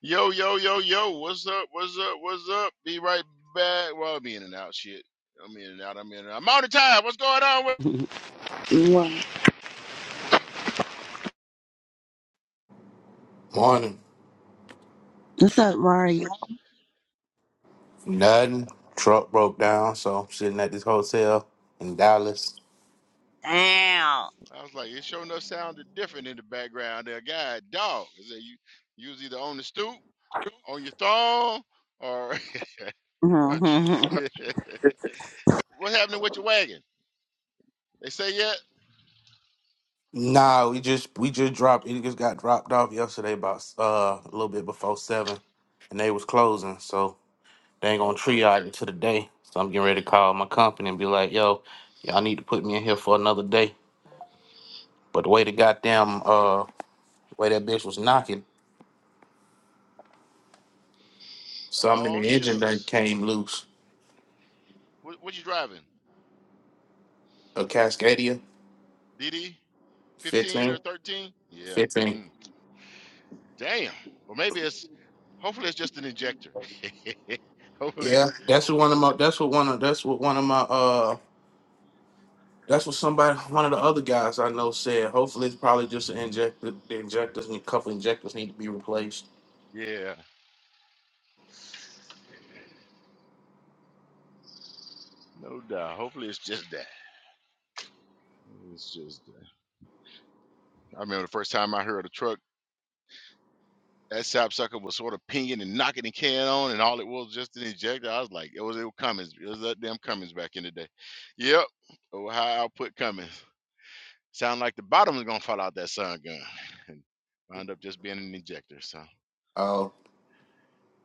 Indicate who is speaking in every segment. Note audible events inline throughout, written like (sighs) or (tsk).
Speaker 1: Yo, yo, yo, yo, what's up? What's up? What's up? Be right back. Well, I'm in and out. Shit. I'm in and out. I'm in and out. I'm out of time. What's going on? With,
Speaker 2: (laughs) Right.
Speaker 3: Morning.
Speaker 2: What's up,
Speaker 1: which is,
Speaker 2: Mario?
Speaker 3: Nothing. Truck broke down, so I'm sitting at this hotel in Dallas.
Speaker 2: Down.
Speaker 1: I was like, it sure enough sounded different in the background there. God, dog. I said, you, you was either on the stoop, on your thong, or. (laughs) or
Speaker 2: Mhm. (laughs)
Speaker 1: tr- (laughs) What's happening with your wagon? They say yet?
Speaker 3: Nah, we just we just dropped. It just got dropped off yesterday, about uh a little bit before seven, and they was closing, so they ain't gonna
Speaker 1: Okay.
Speaker 3: triage it to the day. So I'm getting ready to call my company and be like, "Yo, y'all need to put me in here for another day." But the way the goddamn uh way that bitch was knocking, something
Speaker 1: Oh,
Speaker 3: in the engine that
Speaker 1: shucks.
Speaker 3: came loose.
Speaker 1: What, what you driving?
Speaker 3: A Cascadia,
Speaker 1: DD? 15 or
Speaker 3: 15,
Speaker 1: 13? Yeah.
Speaker 3: 15.
Speaker 1: Damn. Well, maybe it's hopefully it's just an injector. (laughs) hopefully,
Speaker 3: Yeah, that's what
Speaker 1: hopefully,
Speaker 3: one of my that's what one of that's what one of my uh that's what somebody one of the other guys I know said. Hopefully it's probably just an injector the injectors need a couple injectors need to be replaced.
Speaker 1: yeah, no doubt. Hopefully, it's just that. It's just that. I remember the first time I heard a truck. That sapsucker was sort of pinging and knocking the can on, and all it was just an injector. I was like, it was it was Cummins. It was that damn Cummins back in the day. Yep, Ohio output Cummins. Sound like the bottom was gonna fall out that sun gun, (laughs) and wound up just being an injector. So,
Speaker 3: Oh,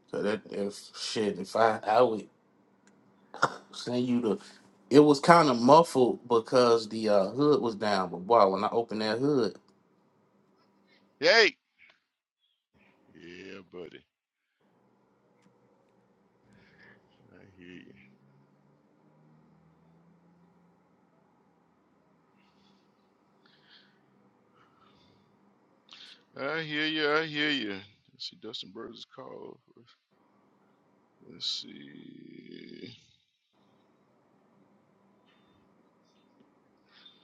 Speaker 3: so that if shit, if I I would send you the it was kind of muffled because the uh hood was down, but wow, when I opened that hood,
Speaker 1: yay, yeah, buddy, I hear you. I hear you. I hear you. Let's see, Dustin Burns is called. Let's see.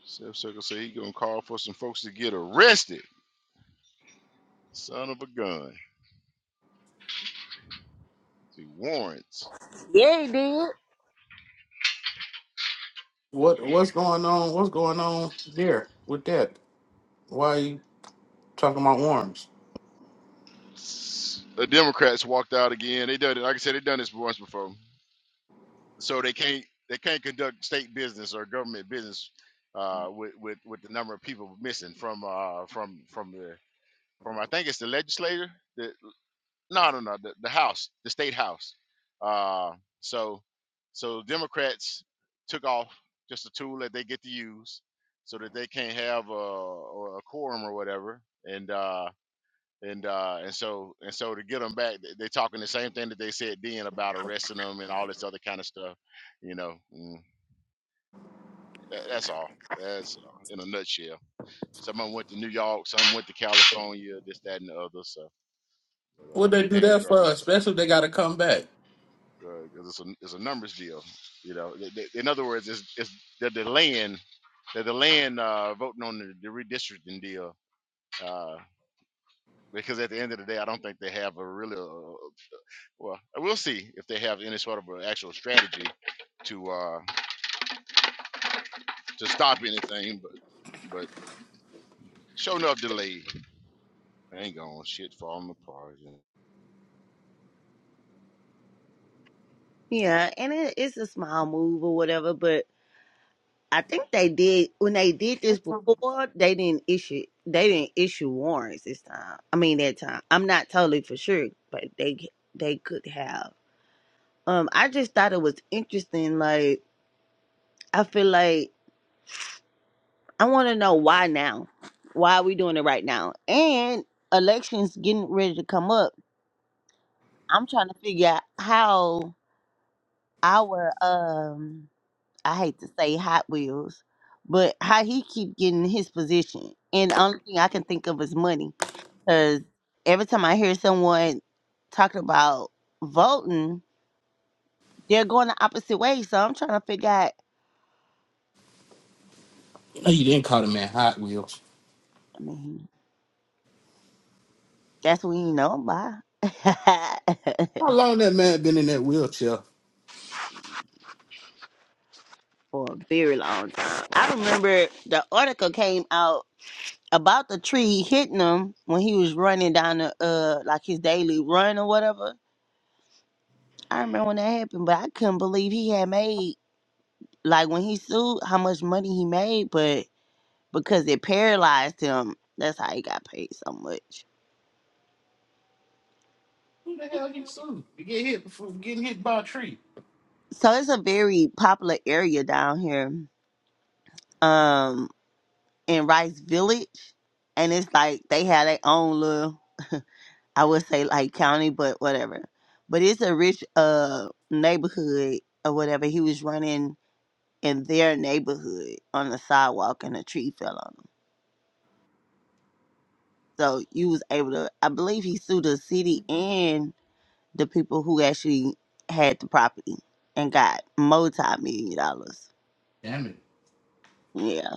Speaker 1: Seth Circle say he gonna call for some folks to get arrested. Son of a gun. The warrants.
Speaker 2: Yeah, he did.
Speaker 1: There
Speaker 3: what
Speaker 1: you go.
Speaker 3: what's going on? What's going on there with that? Why are you talking about worms?
Speaker 1: The Democrats walked out again. They done it. Like I said, they done this once before. So they can't they can't conduct state business or government business uh, with with with the number of people missing from uh from from the from I think it's the legislature. the No, no, no. The, the House, the state House. Uh, so, so Democrats took off just a tool that they get to use, so that they can't have a, a quorum or whatever. And uh, and uh, and so and so to get them back, they- they're talking the same thing that they said then about arresting them and all this other kind of stuff. You know, mm, tha- that's all. That's all, in a nutshell. Someone went to New York, some went to California, this, that, and the other. So, but, uh,
Speaker 3: what they
Speaker 1: they
Speaker 3: do
Speaker 1: ain't gonna be
Speaker 3: that
Speaker 1: right
Speaker 3: for?
Speaker 1: back.
Speaker 3: Especially if they gotta come back.
Speaker 1: because it's a it's a numbers deal. You know, They- they- in other words, it's, it's they're delaying they're delaying uh, voting on the, the redistricting deal uh, because at the end of the day, I don't think they have a really uh, well. We'll see if they have any sort of an actual strategy to uh, to stop anything, but but showing up delayed. Hang on, shit falling apart. yeah.
Speaker 2: Yeah, and it, it's a small move or whatever, but I think they did when they did this before. They didn't issue they didn't issue warrants this time. I mean that time. I'm not totally for sure, but they they could have. Um, I just thought it was interesting. Like I feel like I want to know why now. Why are we doing it right now? And elections getting ready to come up. I'm trying to figure out how our um I hate to say Hot Wheels, but how he keep getting his position. And the only thing I can think of is money. Cause every time I hear someone talking about voting, they're going the opposite way. So I'm trying to figure out
Speaker 3: You know you didn't call the man Hot Wheels.
Speaker 2: I mean, that's what you know by (laughs)
Speaker 3: How long that man been in that wheelchair?
Speaker 2: for a very long time. I remember the article came out about the tree hitting him when he was running down the uh like his daily run or whatever. I remember when that happened, but I couldn't believe he had made like when he sued how much money he made, but because it paralyzed him, that's how he got paid so much.
Speaker 3: Who the hell you sued? You get hit before getting hit by a tree.
Speaker 2: So it's a very popular area down here, um, in Rice Village, and it's like they have their own little, I would say like county, but whatever. But it's a rich uh neighborhood or whatever. He was running in their neighborhood on the sidewalk and a tree fell on them. So you was able to I believe he sued the city and the people who actually had the property and got multi million dollars.
Speaker 3: Damn it.
Speaker 2: Yeah.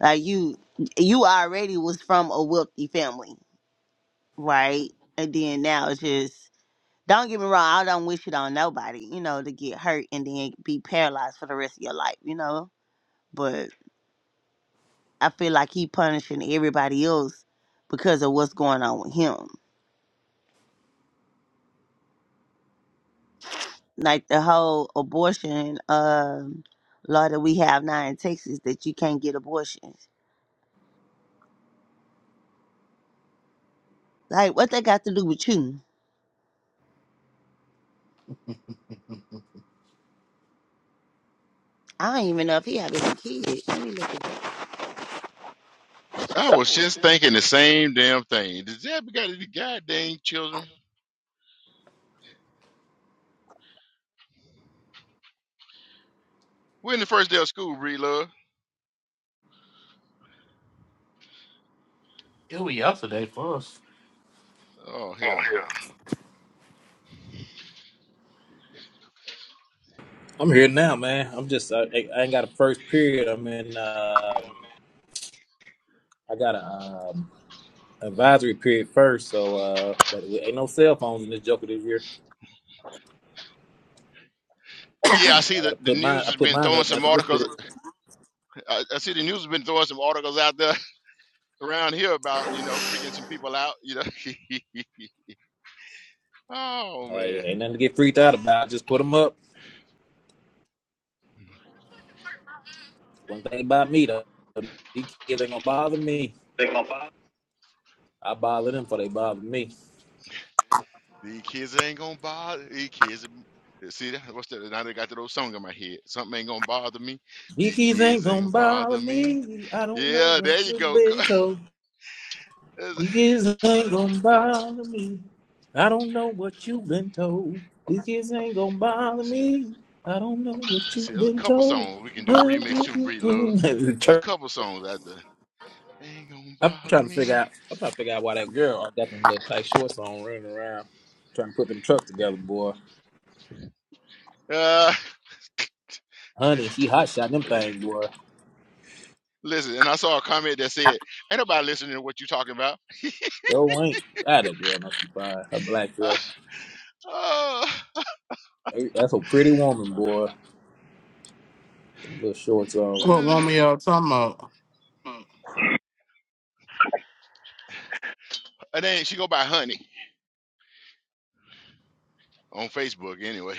Speaker 2: Like you you already was from a wealthy family, right? And then now it's just don't get me wrong, I don't wish it on nobody, you know, to get hurt and then be paralyzed for the rest of your life, you know? but. I feel like he punishing everybody else because of what's going on with him. Like the whole abortion um, law that we have now in Texas that you can't get abortions. Like what that got to do with you? I don't even know if he have any kids. Let me look at that.
Speaker 1: I was just thinking the same damn thing. Does that got any goddamn children? We're in the first day of school, Bree Love.
Speaker 3: It was yesterday for us.
Speaker 1: Oh hell.
Speaker 3: Yeah.
Speaker 4: I'm here now, man. I'm just I, I ain't got a first period. I'm in. Uh, I got a um, advisory period first, so uh, but we, ain't no cell phones in this joker this year.
Speaker 1: Yeah, I
Speaker 4: So
Speaker 1: see
Speaker 4: I got
Speaker 1: the,
Speaker 4: to
Speaker 1: the
Speaker 4: put mine.
Speaker 1: news
Speaker 4: I
Speaker 1: has
Speaker 4: put
Speaker 1: been
Speaker 4: mine
Speaker 1: throwing
Speaker 4: up
Speaker 1: some
Speaker 4: after this
Speaker 1: articles.
Speaker 4: period.
Speaker 1: I, I see the news has been throwing some articles out there (laughs) around here about you know freaking some people out. You know, (laughs) oh
Speaker 4: Hey,
Speaker 1: man,
Speaker 4: ain't nothing to get freaked out about. Just put them up. One thing about me though, these kids ain't gonna bother me. I bother them before they bother me.
Speaker 1: these kids ain't gonna bother. These kids, am- uh, see that? What's that? Now they got that old song in my head. Something ain't gonna bother me.
Speaker 4: These
Speaker 1: These
Speaker 4: kids ain't
Speaker 1: kids ain't
Speaker 4: gonna
Speaker 1: gonna
Speaker 4: bother
Speaker 1: bother me.
Speaker 4: me. I don't know
Speaker 1: Yeah, there
Speaker 4: what
Speaker 1: you
Speaker 4: you've
Speaker 1: go.
Speaker 4: been
Speaker 1: (laughs)
Speaker 4: told.
Speaker 1: There's- a-
Speaker 4: These ain't gonna bother me. I don't know what you've been told. These kids ain't gonna bother
Speaker 1: see,
Speaker 4: me. I don't know what
Speaker 1: see,
Speaker 4: you've
Speaker 1: there's a
Speaker 4: been
Speaker 1: couple
Speaker 4: told.
Speaker 1: songs we can
Speaker 4: (laughs)
Speaker 1: do a remix to, Bree Love.
Speaker 4: mm
Speaker 1: There's a
Speaker 4: Church-
Speaker 1: couple songs out there. Ain't gonna
Speaker 4: I'm
Speaker 1: bother
Speaker 4: trying to figure
Speaker 1: me.
Speaker 4: out. I'm trying to figure out why that girl got them little tight shorts on, running around trying to put them trucks together, boy.
Speaker 1: Uh.
Speaker 4: Honey, she hot shot them
Speaker 1: (laughs)
Speaker 4: things, boy.
Speaker 1: Listen, and I saw a comment that said, "Ain't nobody listening to what you talking about."
Speaker 4: Yo ain't. God, that girl must be fine. Her black self.
Speaker 1: Oh,
Speaker 4: Hey, That's a pretty woman, boy. Them little shorts
Speaker 1: (laughs)
Speaker 4: on.
Speaker 3: What
Speaker 1: and
Speaker 3: one we all talking about?
Speaker 1: then she go by Honey on Facebook anyway.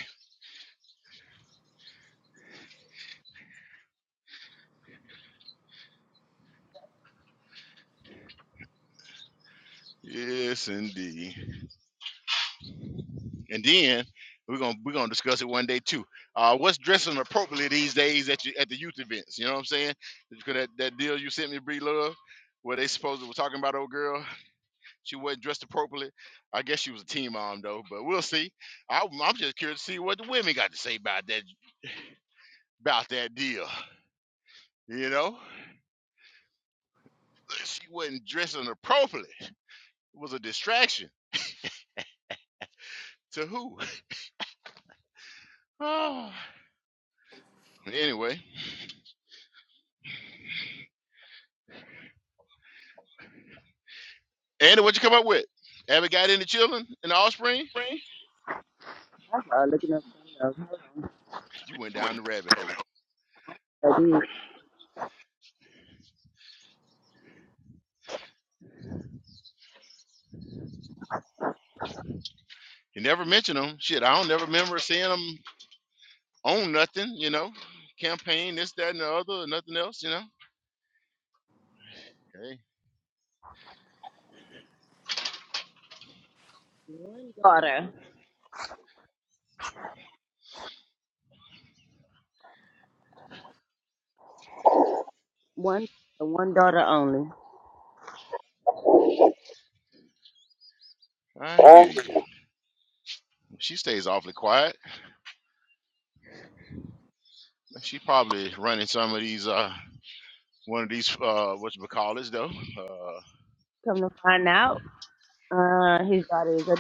Speaker 1: Yes, indeed. And then we're gonna we're gonna discuss it one day too. Uh, what's dressing appropriately these days at you, at the youth events? You know what I'm saying? Because that, that deal you sent me, Bree Love, where they supposed to were talking about old girl. She wasn't dressed appropriately. I guess she was a team mom though, but we'll see. I, I'm I'm just curious to see what the women got to say about that about that deal. You know, she wasn't dressing appropriately. It was a distraction to who? (sighs) Oh. anyway, Andy, what you come up with? Abby got any children in the offspring? You went down the rabbit hole. You never mention them. Shit, I don't never remember seeing them on nothing. You know, campaign this, that, and the other, or nothing else. You know. Hey,
Speaker 2: One, one daughter only.
Speaker 1: I hear you. She stays awfully quiet. She probably running some of these uh one of these uh what you call this though. Uh,
Speaker 2: Come to find out, uh, his daughter is ad-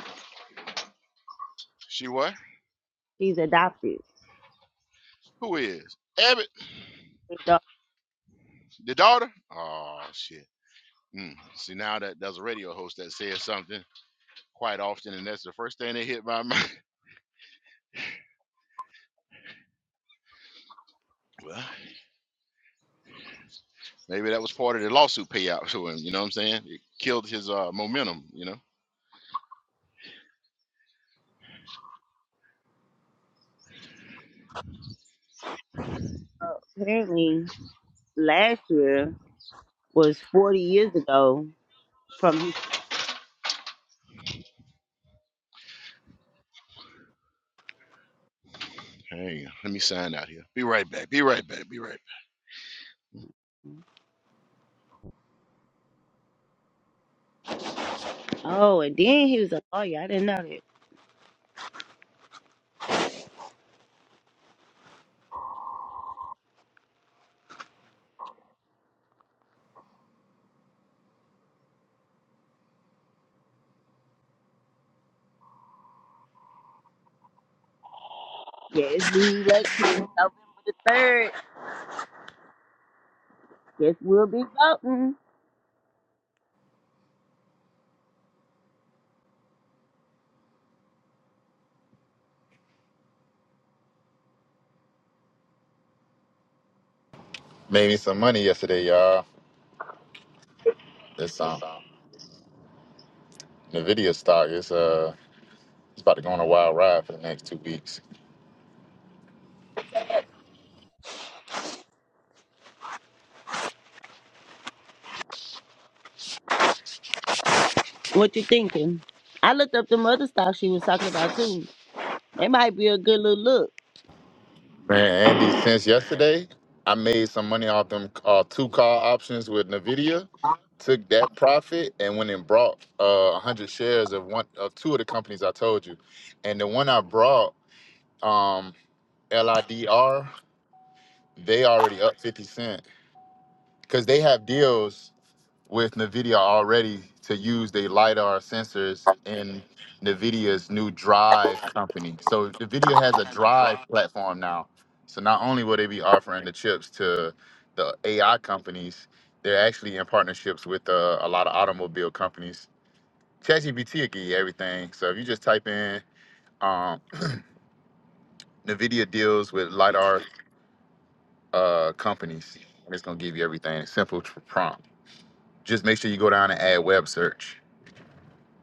Speaker 1: she what?
Speaker 2: she's adopted.
Speaker 1: Who is? Abby
Speaker 2: His daughter
Speaker 1: The daughter? Oh shit. Mm. See now that there's a radio host that says something quite often, and that's the first thing that hit my mind. (laughs) Well, maybe that was part of the lawsuit payout to him. You know what I'm saying? It killed his uh, momentum. You know.
Speaker 2: apparently last year was forty years ago from
Speaker 1: Hang on. Let me sign out here. Be right back. Be right back. Be right
Speaker 2: his. Oh, and then he was a lawyer. I didn't know that. Yes, we election November the third. Guess we'll be voting.
Speaker 5: Made me some money yesterday, y'all. This um Nvidia stock is uh it's about to go on a wild ride for the next two weeks.
Speaker 2: What you thinking? I looked up the other stuff she was talking about too. It might be a good little look.
Speaker 5: Man, Andy, since yesterday, I made some money off them uh, two call options with Nvidia. Took that profit and went and brought uh hundred shares of one of two of the companies I told you, and the one I brought um LIDR, they already up fifty cent because they have deals. with NVIDIA already to use their LiDAR sensors in NVIDIA's new Drive company. So NVIDIA has a Drive platform now. So not only will they be offering the chips to the AI companies, they're actually in partnerships with uh, a lot of automobile companies. ChatGPT will give you everything. So if you just type in um, NVIDIA deals with LiDAR uh, companies, and it's going to give you everything. Simple tr- prompt. Just make sure you go down and add web search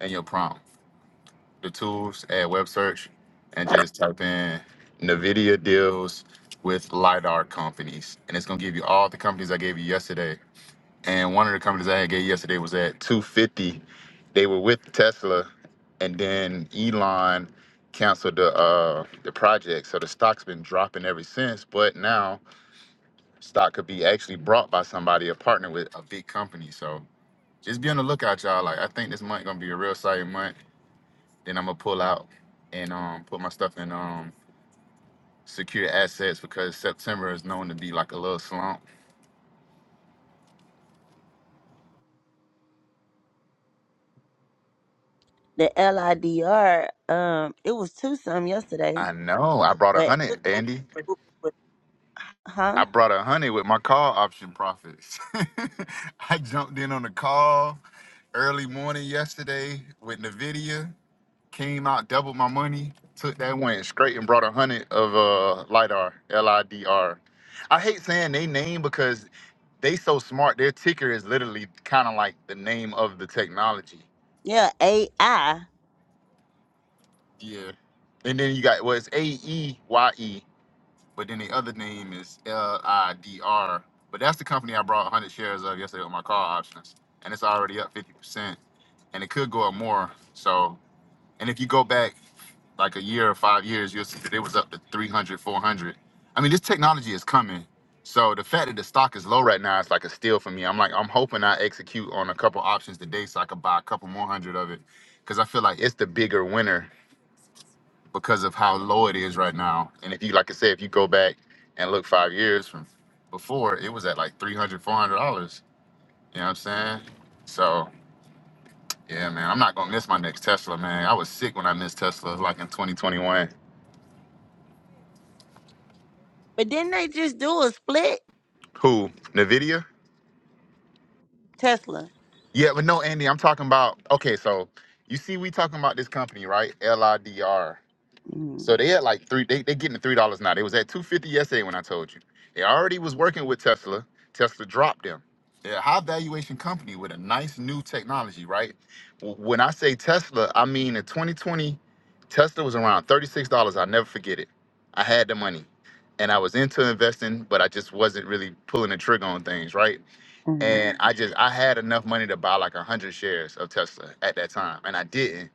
Speaker 5: in your prompt. the tools at web search and just type in NVIDIA deals with LiDAR companies. And it's going to give you all the companies I gave you yesterday. And one of the companies I had gave you yesterday was at 250. They were with Tesla, and then Elon canceled the uh, the project. So the stock's been dropping ever since. But now stock could be actually brought by somebody, a partner with a big company. So just be on the lookout, y'all. Like I think this month gonna be a real exciting month. Then I'm gonna pull out and um put my stuff in um secure assets because September is known to be like a little slump.
Speaker 2: The LIDR, um, it was two some yesterday,
Speaker 5: I know. I brought a
Speaker 2: but
Speaker 5: hundred, Andy. I
Speaker 2: huh?
Speaker 5: brought a hundred with my call option profits. (laughs) I jumped in on the call early morning yesterday with Nvidia. Came out, doubled my money. Took that, went straight and brought a hundred of uh lidar, L I D R. I hate saying they name because they so smart. Their ticker is literally kind of like the name of the technology.
Speaker 2: Yeah, AI.
Speaker 5: Yeah. And then you got well, it's A E Y E, but then the other name is L I D R. But that's the company I brought 100 shares of yesterday with my call options, and it's already up 50 percent, and it could go up more. So, and if you go back like a year or five years, you'll see that it was up to 300, 400. I mean, this technology is coming. So the fact that the stock is low right now is like a steal for me. I'm like, I'm hoping I execute on a couple options today so I could buy a couple more hundred of it because I feel like it's the bigger winner because of how low it is right now. And if you, like I said, if you go back and look five years from before, it was at like three hundred, four hundred dollars You know what I'm saying? So, yeah, man, I'm not going to miss my next Tesla, man. I was sick when I missed Tesla, like in 2021.
Speaker 2: But didn't they just do a split
Speaker 5: Who? NVIDIA?
Speaker 2: Tesla?
Speaker 5: Yeah, but no, Andy, I'm talking about, okay, so you see, we talking about this company, right? LIDR.
Speaker 2: Mm-hmm.
Speaker 5: So they at like three. They they getting three dollars now. They was at two fifty yesterday when I told you. They already was working with Tesla. Tesla dropped them. They're a high valuation company with a nice new technology, right? W- When I say Tesla, I mean in 2020, Tesla was around thirty-six dollars. I'll never forget it. I had the money, and I was into investing, but I just wasn't really pulling the trigger on things, right?
Speaker 2: Mm-hmm.
Speaker 5: And I just I had enough money to buy like hundred shares of Tesla at that time, and I didn't.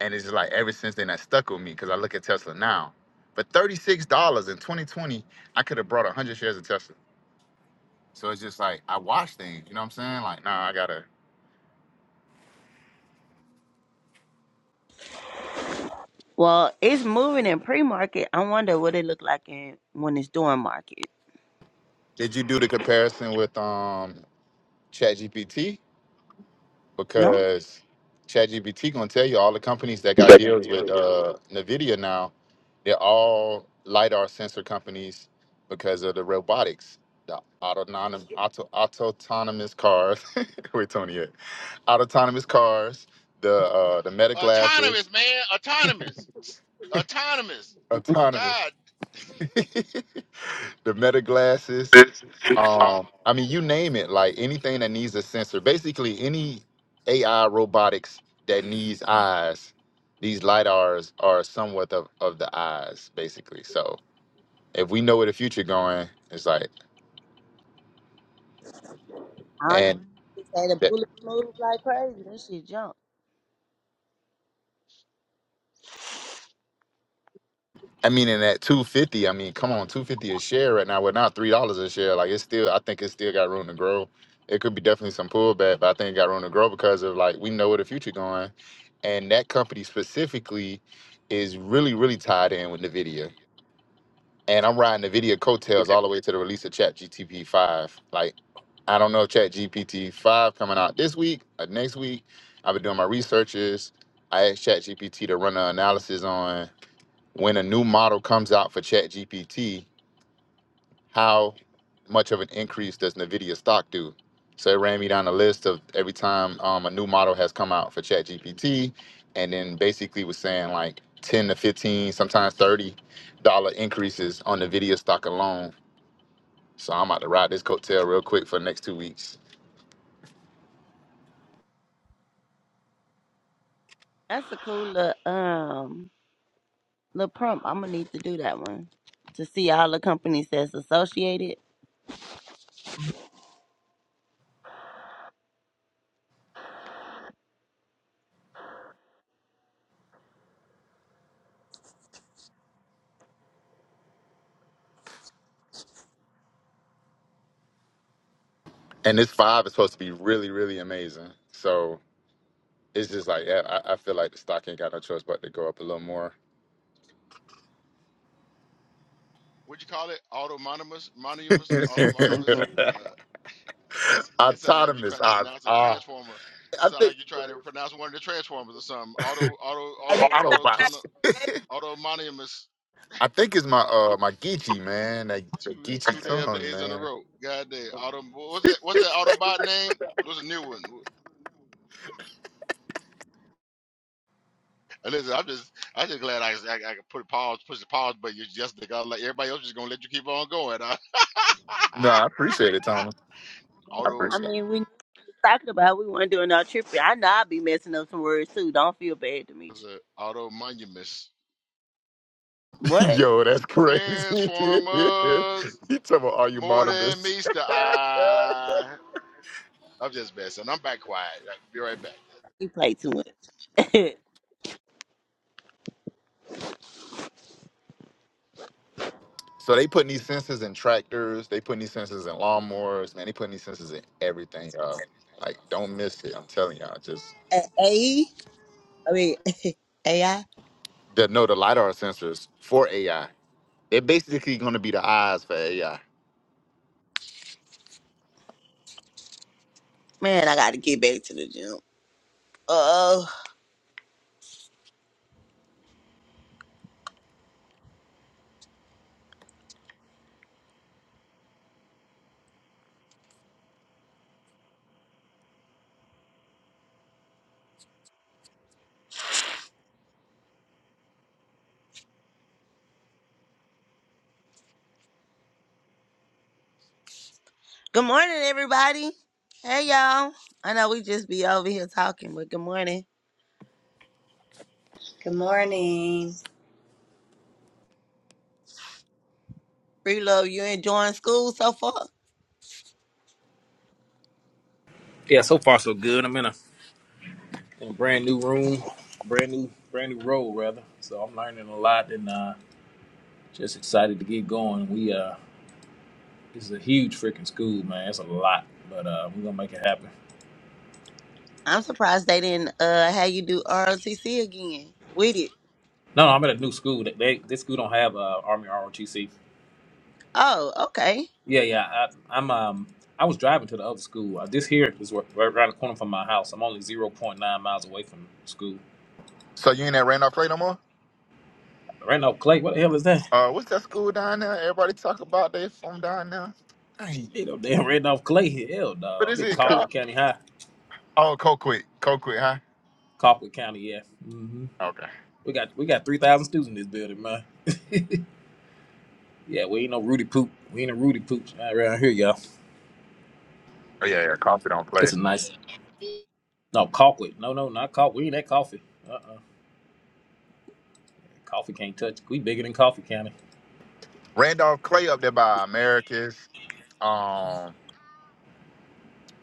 Speaker 5: And it's just like ever since then that stuck with me because I look at Tesla now. But $36 in 2020, I could have brought 100 shares of Tesla. So it's just like I watch things, you know what I'm saying? Like, nah, I gotta.
Speaker 2: Well, it's moving in pre-market. I wonder what it look like in when it's during market.
Speaker 5: Did you do the comparison with um ChatGPT?
Speaker 2: No.
Speaker 5: Because ChatGPT gonna tell you all the companies that got deals with uh Nvidia now, they're all lidar sensor companies because of the robotics, the autonomous auto autonomous cars. (laughs) Where Tony at? autonomous cars, the uh, the meta
Speaker 1: back.
Speaker 5: glasses,
Speaker 1: Autonomous, man. Autonomous. Autonomous.
Speaker 5: autonomous,
Speaker 1: God.
Speaker 5: (laughs) the meta glasses. Um, I mean, you name it, like anything that needs a sensor. Basically, any AI robotics that needs eyes, these lidars are somewhat of, of the eyes, basically. So if we know where the future going, it's like,
Speaker 2: All that
Speaker 5: and
Speaker 2: just had a
Speaker 5: that.
Speaker 2: bullet move like crazy. This shit jump.
Speaker 5: I mean, and at two fifty, I mean, come on, two fifty a share right now. We're not three dollars a share. Like it's still, I think it's still got room to grow. It could be definitely some pullback, but I think it got room to grow because of like we know where the future going, and that company specifically is really, really tied in with Nvidia. And I'm riding Nvidia coattails all the way to the release of Chat GTP five. Like I don't know if Chat GPT five coming out this week or next week. I've been doing my researches. I asked Chat GPT to run an analysis on when a new model comes out for ChatGPT, how much of an increase does NVIDIA stock do? So it ran me down a list of every time um, a new model has come out for ChatGPT, and then basically was saying like 10 to 15, sometimes 30 dollar increases on NVIDIA stock alone. So I'm about to ride this coattail real quick for the next two weeks.
Speaker 2: That's a cool little um little prompt. I'm gonna need to do that one to see all the companies that's associated.
Speaker 5: And this five is supposed to be really, really amazing. So it's just like, yeah, I, I feel like the stock ain't got no choice but to go up a little more.
Speaker 1: What'd you call it? Autonomous. Mononymous. Autonomous.
Speaker 2: hmm
Speaker 5: (laughs)
Speaker 1: Uh, It sounds like you're
Speaker 5: Autonomous.
Speaker 1: trying to
Speaker 5: I,
Speaker 1: pronounce a
Speaker 5: uh,
Speaker 1: transformer. It
Speaker 5: I
Speaker 1: sounds like
Speaker 5: think
Speaker 1: you're trying to pronounce one of the transformers or something. Auto, auto, auto, auto,
Speaker 5: Autobots.
Speaker 1: automonymous
Speaker 5: I think it's my uh my Geechee man, that, that
Speaker 1: two
Speaker 5: Geechee
Speaker 1: two day of
Speaker 5: tongue
Speaker 1: days in a
Speaker 5: man.
Speaker 1: row. God damn. Auto, what's that? What's that Autobot name? What's a new one? And listen, I'm just, I'm just glad I, I, I could put a pause, push the pause button yesterday. I was like everybody else is gonna let you keep on going. I,
Speaker 5: No, I appreciate it, Tony.
Speaker 1: (laughs)
Speaker 5: I
Speaker 2: I
Speaker 1: auto,
Speaker 5: appreciate
Speaker 2: mean, we talking about we weren't doing no tripping. I know I'll be messing up some words too. Don't feel bad,
Speaker 1: what's
Speaker 2: Demetri.
Speaker 1: it? Automonymous
Speaker 5: it. (laughs)
Speaker 2: What?
Speaker 5: Yo, that's crazy. (laughs)
Speaker 1: transformers.
Speaker 5: You talking about all you
Speaker 1: More than
Speaker 5: bottomless?
Speaker 1: meets the
Speaker 5: (laughs)
Speaker 1: eye. I'm just messing. I'm back quiet. I'll be right back.
Speaker 2: You play too much. (laughs)
Speaker 5: so they putting these sensors in tractors. They putting these sensors in lawnmowers. Man, they putting these sensors in everything, y'all. Like, don't miss it. I'm telling y'all. Just
Speaker 2: A. I mean (laughs) AI.
Speaker 5: the, no, the lidar sensors for AI. They're basically going to be the eyes for AI.
Speaker 2: Man, I got to get back to the gym. Uh oh. Good morning, everybody. Hey, y'all. I know we just be over here talking, but good morning.
Speaker 6: Good morning.
Speaker 2: Free love, you enjoying school so far?
Speaker 4: Yeah, so far so good. I'm in a in a brand new room, brand new brand new role rather. So I'm learning a lot and uh, just excited to get going. We uh, this is a huge freaking school, man. It's a lot, but uh, we're gonna make it happen.
Speaker 2: I'm surprised they didn't uh have you do ROTC again with it.
Speaker 4: No, no, I'm at a new school. They, they this school don't have uh, Army ROTC.
Speaker 2: Oh, okay.
Speaker 4: Yeah, yeah. I, I'm um I was driving to the other school. Uh, this here is right, right around the corner from my house. I'm only zero point 0.9 miles away from school.
Speaker 5: So you ain't at Randolph Clay no more?
Speaker 4: Randolph Clay, what the hell is that? (laughs)
Speaker 5: Uh, what's that school down there? Everybody talk about they from down there. Dang.
Speaker 4: You know, damn Randolph Clay. Hell,
Speaker 5: What
Speaker 4: dog. I'm
Speaker 5: is
Speaker 4: at
Speaker 5: it
Speaker 4: Cockwood
Speaker 5: called?
Speaker 4: County High.
Speaker 5: Oh, Colquitt. Colquitt, huh?
Speaker 4: Cockwood County, yeah. hmm
Speaker 5: Okay.
Speaker 4: We got we got three thousand students in this building, man. Yeah, we ain't no Rudy poop. We ain't no Rudy poops not around here, y'all.
Speaker 5: Oh yeah, yeah. Coffee don't
Speaker 4: It's
Speaker 5: play.
Speaker 4: a nice no coffee. No, no, not coffee. We ain't that coffee. Uh uh Coffee can't touch. We bigger than coffee county.
Speaker 5: Randolph Clay up there by Americus. Um, I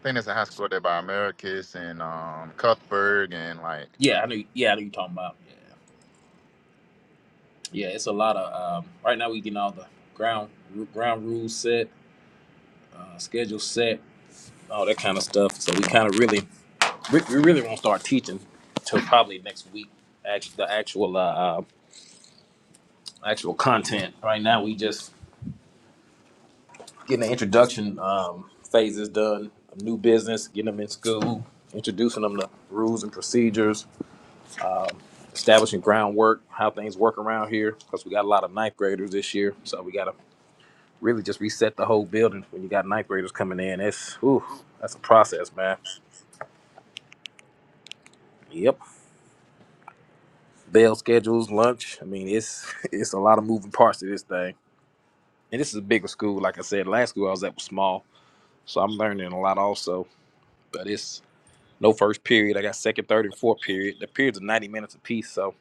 Speaker 5: think there's a high school up there by Americus and um Cuthberg and like
Speaker 4: Yeah, I know. Yeah, I know you talking about. Yeah, yeah. It's a lot of um, right now. We getting all the ground ru- ground rules set, uh, schedule set, all that kind of stuff. So we kind of really we, we really won't start teaching till probably next week. Actually, the actual uh, uh, actual content. Right now, we just getting the introduction um, phases done, a new business, getting them in school, introducing them to rules and procedures, um, establishing groundwork, how things work around here, because we got a lot of ninth graders this year. So we got to really just reset the whole building when you got ninth graders coming in. That's, ooh, that's a process, man. Yep. Bell schedules, lunch. I mean, it's (laughs) it's a lot of moving parts to this thing. And this is a bigger school. Like I said, last school I was at was small. So I'm learning a lot also. But it's No first period. I got second, third, and fourth period. The periods are 90 minutes apiece, so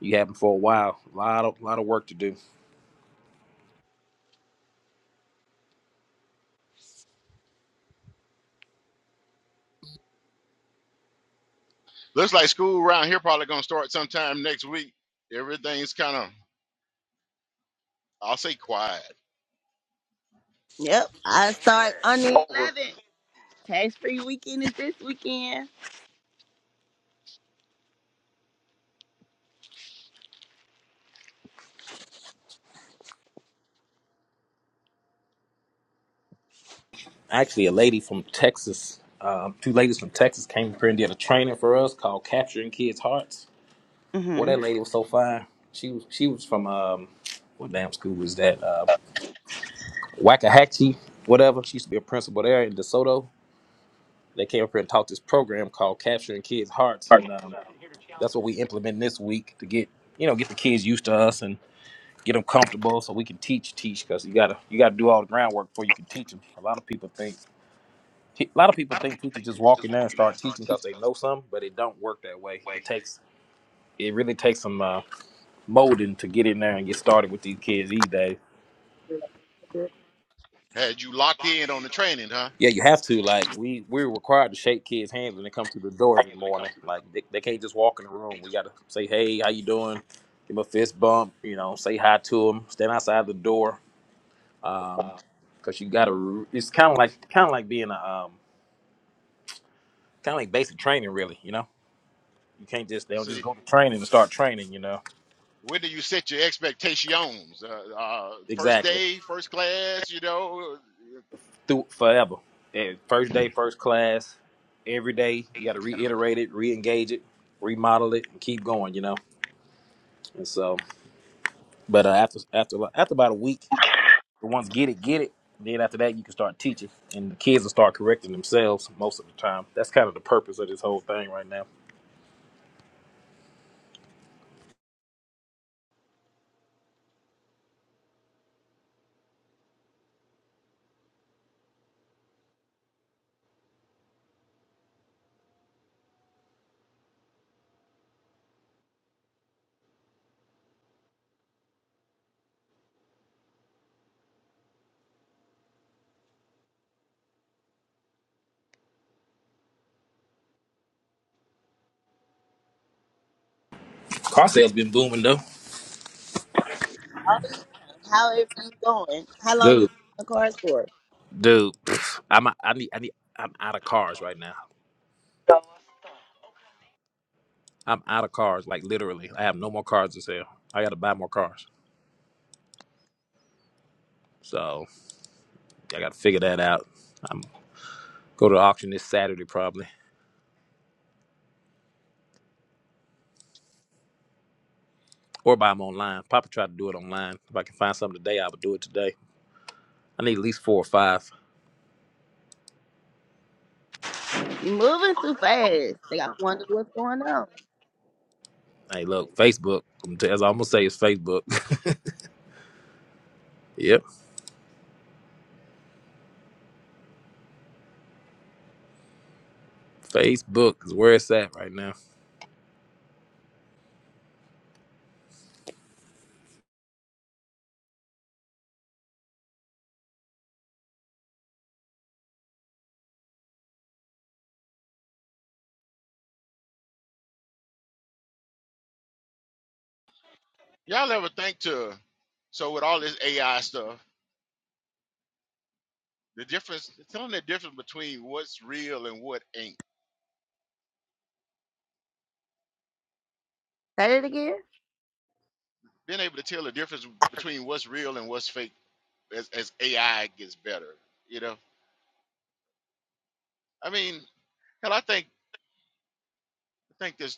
Speaker 4: you have them for a while. A lot of lot of work to do.
Speaker 1: Looks like school around here probably gonna start sometime next week. Everything's kind of, I'll say, quiet.
Speaker 2: Yep. I start on the 11th. Tax free weekend is this weekend.
Speaker 4: Actually, a lady from Texas, um, two ladies from Texas came up here and did a training for us called Capturing Kids' Hearts. Boy,
Speaker 2: Mm-hmm.
Speaker 4: that lady was so fine. She was she was from um, what damn school was that? Uh, Wackahatchee, whatever. She used to be a principal there in DeSoto. They came up here and taught this program called Capturing Kids' Hearts, and um, that's what we implementing this week to get you know get the kids used to us and. get them comfortable so we can teach teach because you gotta you gotta do all the groundwork before you can teach them a lot of people think a lot of people think teachers just walk in there and start teaching because they know something but it don't work that way it takes it really takes some uh, molding to get in there and get started with these kids these days
Speaker 1: Had you locked in on the training, huh?
Speaker 4: yeah you have to like we we're required to shake kids hands when they come to the door every morning like they, they can't just walk in the room we gotta say hey how you doing give them a fist bump you know say hi to them stand outside the door because you gotta it's kind of like kind of like being a um Kind of like basic training, really. You know, you can't just they don't just
Speaker 1: See,
Speaker 4: go to training and start training. You know,
Speaker 1: when do you set your expectations? Uh, uh, first
Speaker 4: exactly
Speaker 1: day, first class. You know,
Speaker 4: through forever. Yeah, first day, first class, every day you got to reiterate it, re-engage it, remodel it, and keep going. You know, and so but uh, after after after about a week, the ones get it, get it. Then after that, you can start teaching, and the kids will start correcting themselves most of the time. That's kind of the purpose of this whole thing right now. Car sales been booming though,
Speaker 2: How how everything going? How long you in
Speaker 4: dude.
Speaker 2: the cars for?
Speaker 4: Dude, pff, I'm I need I need I'm out of cars right now. I'm out of cars, like literally. I have no more cars to sell. I got to buy more cars. So I got to figure that out. I'm go to the auction this Saturday probably, or buy them online. Papa tried to do it online. If I can find something today, I would do it today. I need at least four or five.
Speaker 2: You moving too fast. They got to wonder what's going on.
Speaker 4: Hey, look, Facebook. I'm t- As I'm gonna say, it's Facebook. (laughs) yep, Facebook is where it's at right now.
Speaker 1: y'all ever think to? So with all this AI stuff, the difference, telling the difference between what's real and what ain't.
Speaker 2: Say it again.
Speaker 1: Being able to tell the difference between what's real and what's fake as, as AI gets better. You know, I mean, And I think I think this.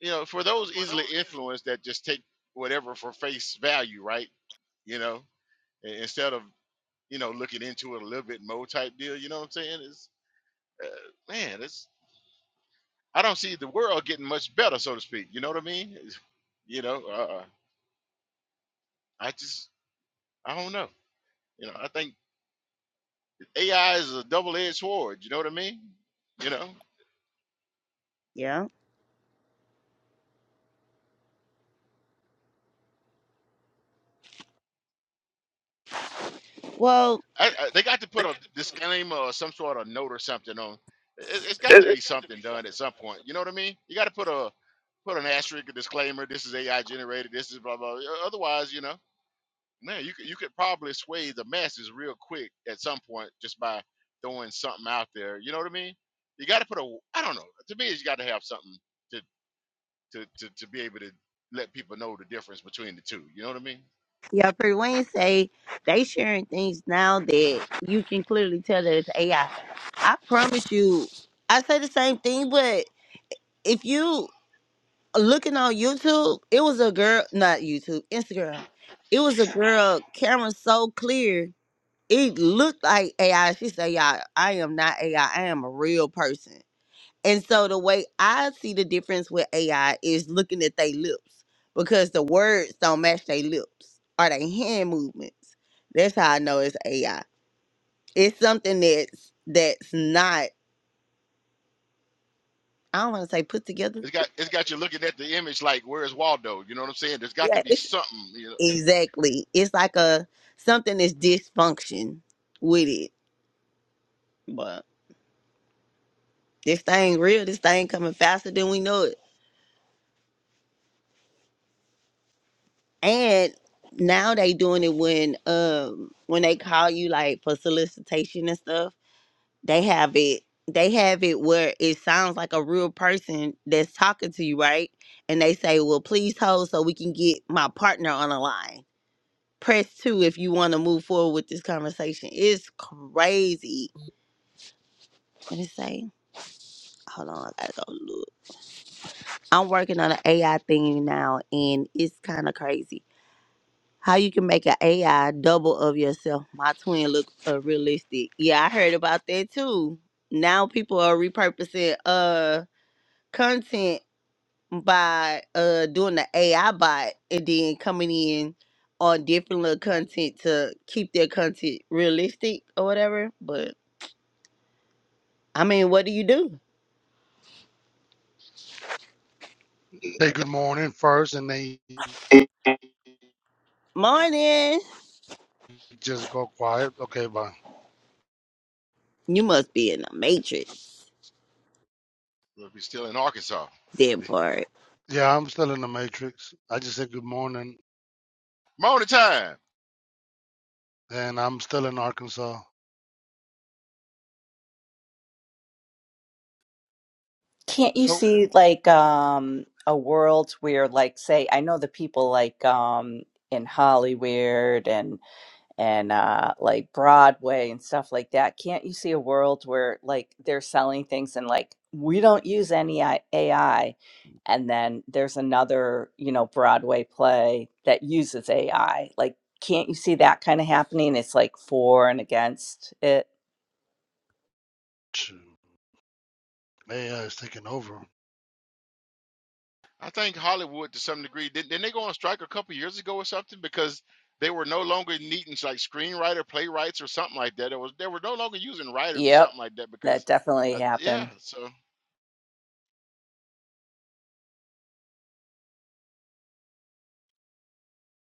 Speaker 1: you know for those easily influenced that just take whatever for face value, right? You know, i- instead of you know looking into it a little bit more type deal. You know what I'm saying? It's uh, man, it's I don't see the world getting much better, so to speak. You know what I mean? It's- you know, uh, I just I don't know. You know, I think AI is a double-edged sword. You know what I mean? You know,
Speaker 2: Yeah. Well,
Speaker 1: I, I, they got to put a disclaimer or some sort of note or something on. It, it's got to be something done at some point. You know what I mean? You got to put a put an asterisk, a disclaimer. This is AI generated. This is blah blah. O- Otherwise, you know, man, you could you could probably sway the masses real quick at some point just by throwing something out there. You know what I mean? You got to put a. I don't know. To me, you got to have something to to to to be able to let people know the difference between the two. You know what I mean?
Speaker 2: Yeah, Pretty Wayne say they sharing things now that you can clearly tell that it's AI. I I promise you, I say the same thing, but if you looking on YouTube, it was a girl, not YouTube, Instagram. It was a girl, camera so clear, it looked like AI. She said, "Y'all, I am not AI. I I am a real person." And so the way I see the difference with AI is looking at their lips because the words don't match their lips or their hand movements. That's how I know it's AI. It's something that's that's not I don't want to say put together.
Speaker 1: It's got it's got you looking at the image like where's Waldo? You know what I'm saying? There's got to
Speaker 2: Yeah,
Speaker 1: be
Speaker 2: it's
Speaker 1: something. You
Speaker 2: exactly. It's like a something that's dysfunction with it. But this thing real, this thing coming faster than we know it. And now they doing it when um when they call you like for solicitation and stuff they have it they have it where it sounds like a real person that's talking to you right and they say well please hold so we can get my partner on the line press two if you want to move forward with this conversation it's crazy what did it say hold on i gotta go look i'm working on an ai thing now and it's kind of crazy how you can make an ai double of yourself my twin look uh, realistic yeah i heard about that too now people are repurposing uh content by uh doing the AI bot and then coming in on different little content to keep their content realistic or whatever. But I mean, what do you do?
Speaker 7: Say good morning first, and they
Speaker 2: Morning.
Speaker 7: just go quiet. Okay, bye.
Speaker 2: You must be in the matrix,
Speaker 1: know, if he's still in Arkansas.
Speaker 2: that part.
Speaker 7: Yeah, I'm still in the matrix. I just said good morning,
Speaker 1: Morning time.
Speaker 7: and I'm still in Arkansas.
Speaker 6: Can't you
Speaker 7: So
Speaker 6: see like um a world where like say I know the people like um in Hollywood and and uh like Broadway and stuff like that. Can't you see a world where like they're selling things and like we don't use any I- AI and then there's another, you know, Broadway play that uses AI. Like can't you see that kind of happening? It's like for and against it.
Speaker 7: shoot, AI is taking over.
Speaker 1: I think Hollywood to some degree didn't, didn't they go on strike a couple years ago or something because they were no longer needing like screenwriter playwrights or something like that. It was they were no longer using writers or
Speaker 6: Yep.
Speaker 1: something like that
Speaker 6: That
Speaker 1: because
Speaker 6: definitely
Speaker 1: uh, yeah.
Speaker 6: happened.
Speaker 1: So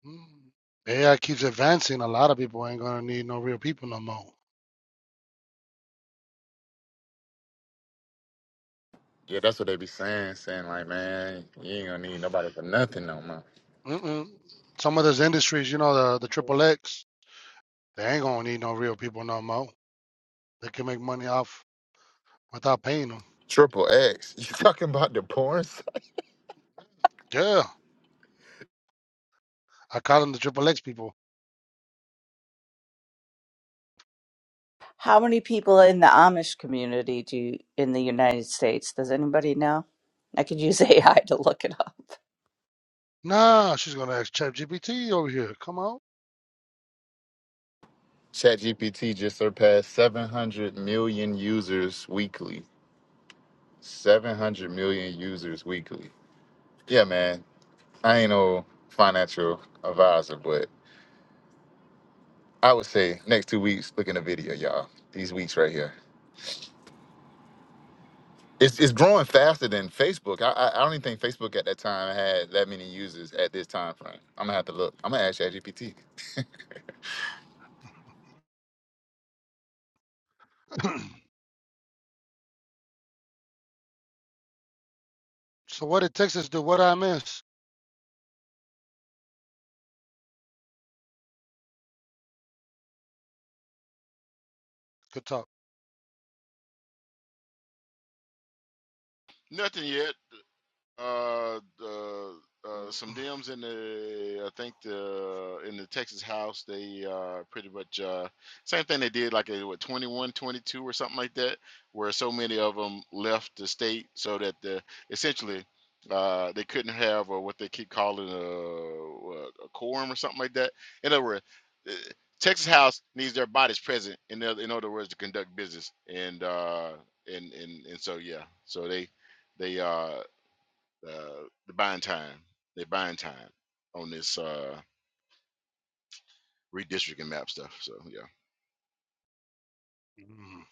Speaker 7: Mm. AI keeps advancing. A lot of people ain't gonna need no real people no more.
Speaker 5: yeah, that's what they be saying, saying like, man, you ain't gonna need nobody for nothing no more.
Speaker 7: Mm-mm. Some of those industries, you know, the the triple X, they ain't gonna need no real people no more. They can make money off without paying them.
Speaker 5: Triple X. (laughs) You talking about the porn site?
Speaker 7: Yeah, I call them the triple X people.
Speaker 6: How many people in the Amish community do you, in the United States? Does anybody know? I could use (laughs) AI to look it up.
Speaker 7: Nah, she's gonna ask ChatGPT over here. Come on.
Speaker 5: ChatGPT just surpassed 700 million users weekly. 700 million users weekly. Yeah, man. I ain't no financial advisor, but I would say next two weeks, look in the video, y'all. These weeks right here. It's, it's growing faster than Facebook. I, I I don't even think Facebook at that time had that many users at this time frame. I'm gonna have to look. I'm gonna ask ChatGPT.
Speaker 7: (clears throat) So what did Texas do? What I miss? Good talk.
Speaker 1: nothing yet. Uh, uh, uh, some Dems in the, I think the in the Texas House, they uh pretty much uh same thing they did like uh, what 21 22 or something like that, where so many of them left the state so that the essentially uh they couldn't have or what they keep calling a, a a quorum or something like that. In other words, uh, Texas House needs their bodies present in other, in other words to conduct business and uh and and and so yeah, so they they uh uh, they're buying time. They're buying time on this uh, redistricting map stuff. So yeah,
Speaker 7: Mm,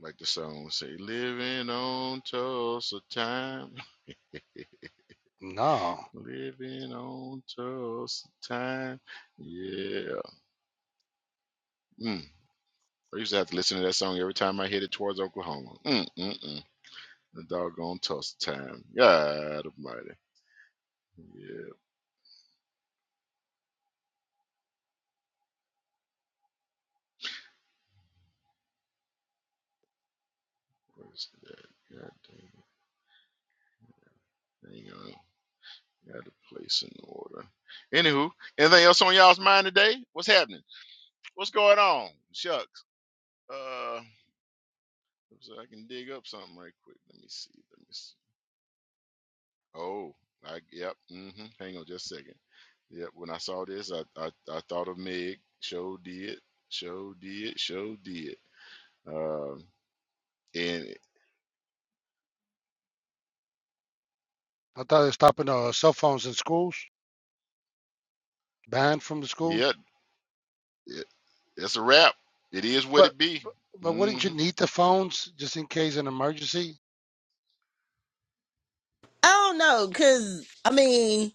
Speaker 1: like the song say, "Living on Tulsa time,
Speaker 7: No,
Speaker 1: (laughs) living on Tulsa time." Yeah. Mm. I used to have to listen to that song every time I headed towards Oklahoma. Mm, mm, mm. The doggone Tulsa time. God Almighty. Yeah. Where's that? God dang. it. Hang on. Got to place in order. Anywho, anything else on y'all's mind today? What's happening? What's going on? Shucks. Uh, so I can dig up something right quick. Let me see. Let me see. Oh, I yep. mm hmm Hang on just a second. Yep. When I saw this, I I, I thought of Meg. Show did. Show did. Show did. Um, and
Speaker 7: I thought they were stopping uh, cell phones in schools, banned from the schools.
Speaker 1: yeah, it, it's a wrap. It is what
Speaker 7: But
Speaker 1: it be.
Speaker 7: but wouldn't
Speaker 1: Mm-hmm.
Speaker 7: you need the phones just in case an emergency?
Speaker 2: I don't know, cause I mean,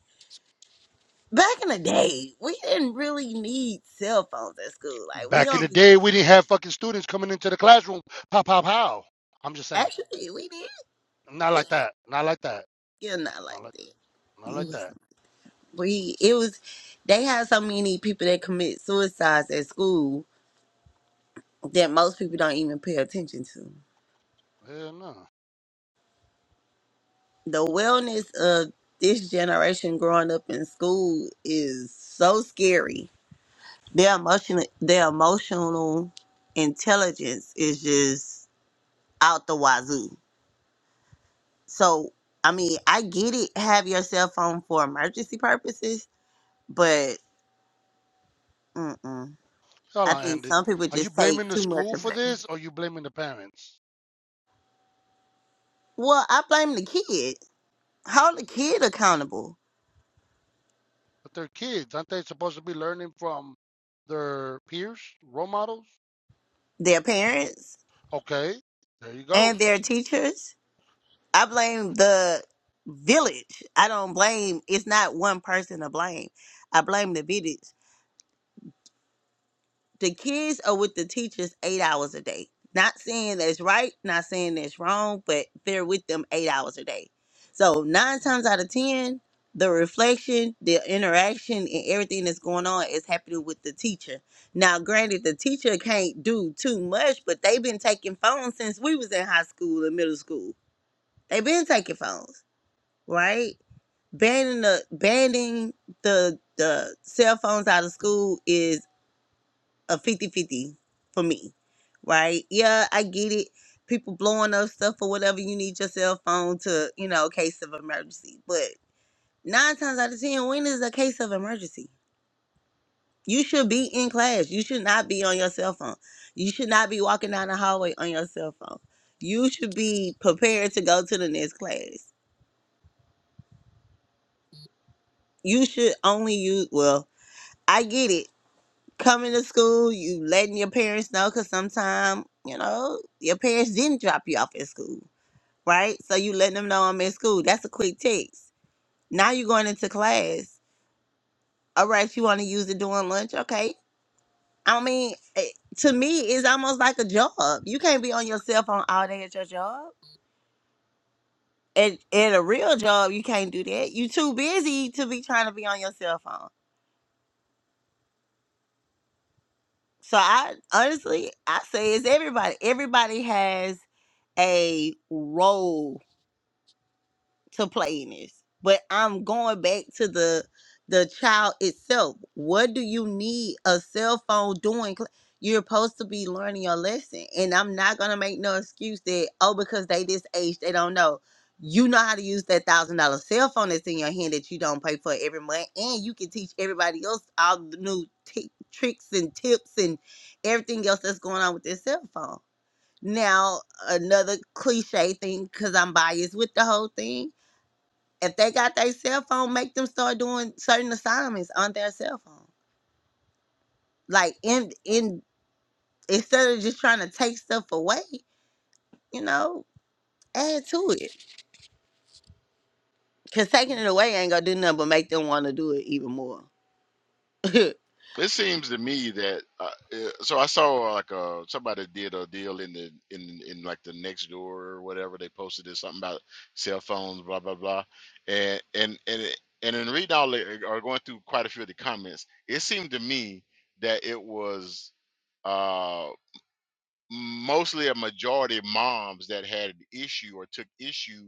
Speaker 2: back in the day, we didn't really need cell phones at school. Like we
Speaker 7: Back in the
Speaker 2: only
Speaker 7: day, we didn't have fucking students coming into the classroom. Pow pow pow. I'm just saying,
Speaker 2: actually we did
Speaker 7: not like that. Not like that.
Speaker 2: still not like
Speaker 7: Not like
Speaker 2: that. It
Speaker 7: not like
Speaker 2: was-
Speaker 7: that.
Speaker 2: We it was they had so many people that commit suicides at school that most people don't even pay attention to.
Speaker 7: Hell no.
Speaker 2: The wellness of this generation growing up in school is so scary. Their emotional their emotional intelligence is just out the wazoo. So I mean, I get it. Have your cell phone for emergency purposes, but mm-mm.
Speaker 7: Hold
Speaker 2: I
Speaker 7: on,
Speaker 2: think
Speaker 7: Andy.
Speaker 2: some people
Speaker 7: Are you
Speaker 2: just
Speaker 7: blaming
Speaker 2: take
Speaker 7: the
Speaker 2: too much
Speaker 7: school
Speaker 2: of
Speaker 7: for
Speaker 2: it.
Speaker 7: this, or you blaming the parents?
Speaker 2: Well, I blame the kid. Hold the kid accountable.
Speaker 7: But they're kids. Aren't they supposed to be learning from their peers, role models?
Speaker 2: Their parents
Speaker 7: Okay, there you go.
Speaker 2: and their teachers I blame the village. I don't blame. It's not one person to blame. I blame the village. The kids are with the teachers eight hours a day. Not saying that's right, not saying that's wrong, but they're with them eight hours a day. So nine times out of ten, the reflection, the interaction, and everything that's going on is happening with the teacher. Now, granted, the teacher can't do too much, but they've been taking phones since we was in high school and middle school. They've been taking phones, right? banning the banning the the cell phones out of school is a fifty-fifty for me right yeah i get it people blowing up stuff or whatever you need your cell phone to you know case of emergency but nine times out of ten when is a case of emergency you should be in class you should not be on your cell phone you should not be walking down the hallway on your cell phone you should be prepared to go to the next class you should only use well i get it coming to school, you letting your parents know because sometimes, you know, your parents didn't drop you off at school, right? So you letting them know I'm at school. That's a quick text. Now you're going into class. All right, you want to use it during lunch? Okay. I mean, eh, to me, it's almost like a job. You can't be on your cell phone all day at your job. At, at a real job, you can't do that. you too busy to be trying to be on your cell phone. So I honestly, I say it's everybody. Everybody has a role to play in this. But I'm going back to the the child itself. What do you need a cell phone doing? Cl- You're supposed to be learning your lesson. And I'm not gonna make no excuse that, oh, because they this age, they don't know. You know how to use that thousand dollar cell phone that's in your hand that you don't pay for every month, and you can teach everybody else all the new t- tricks and tips and everything else that's going on with this cell phone. Now, another cliche thing, because I'm biased with the whole thing if they got their cell phone, make them start doing certain assignments on their cell phone. Like in in instead of just trying to take stuff away, you know, add to it. Cause taking it away ain't gonna do nothing but make them want to do it even more. (laughs)
Speaker 1: It seems to me that uh, uh, so I saw uh, like uh somebody did a deal in the in in like the next door or whatever they posted this something about cell phones blah blah blah and and and it- and in reading all the, or going through quite a few of the comments it seemed to me that it was uh mostly a majority of moms that had an issue or took issue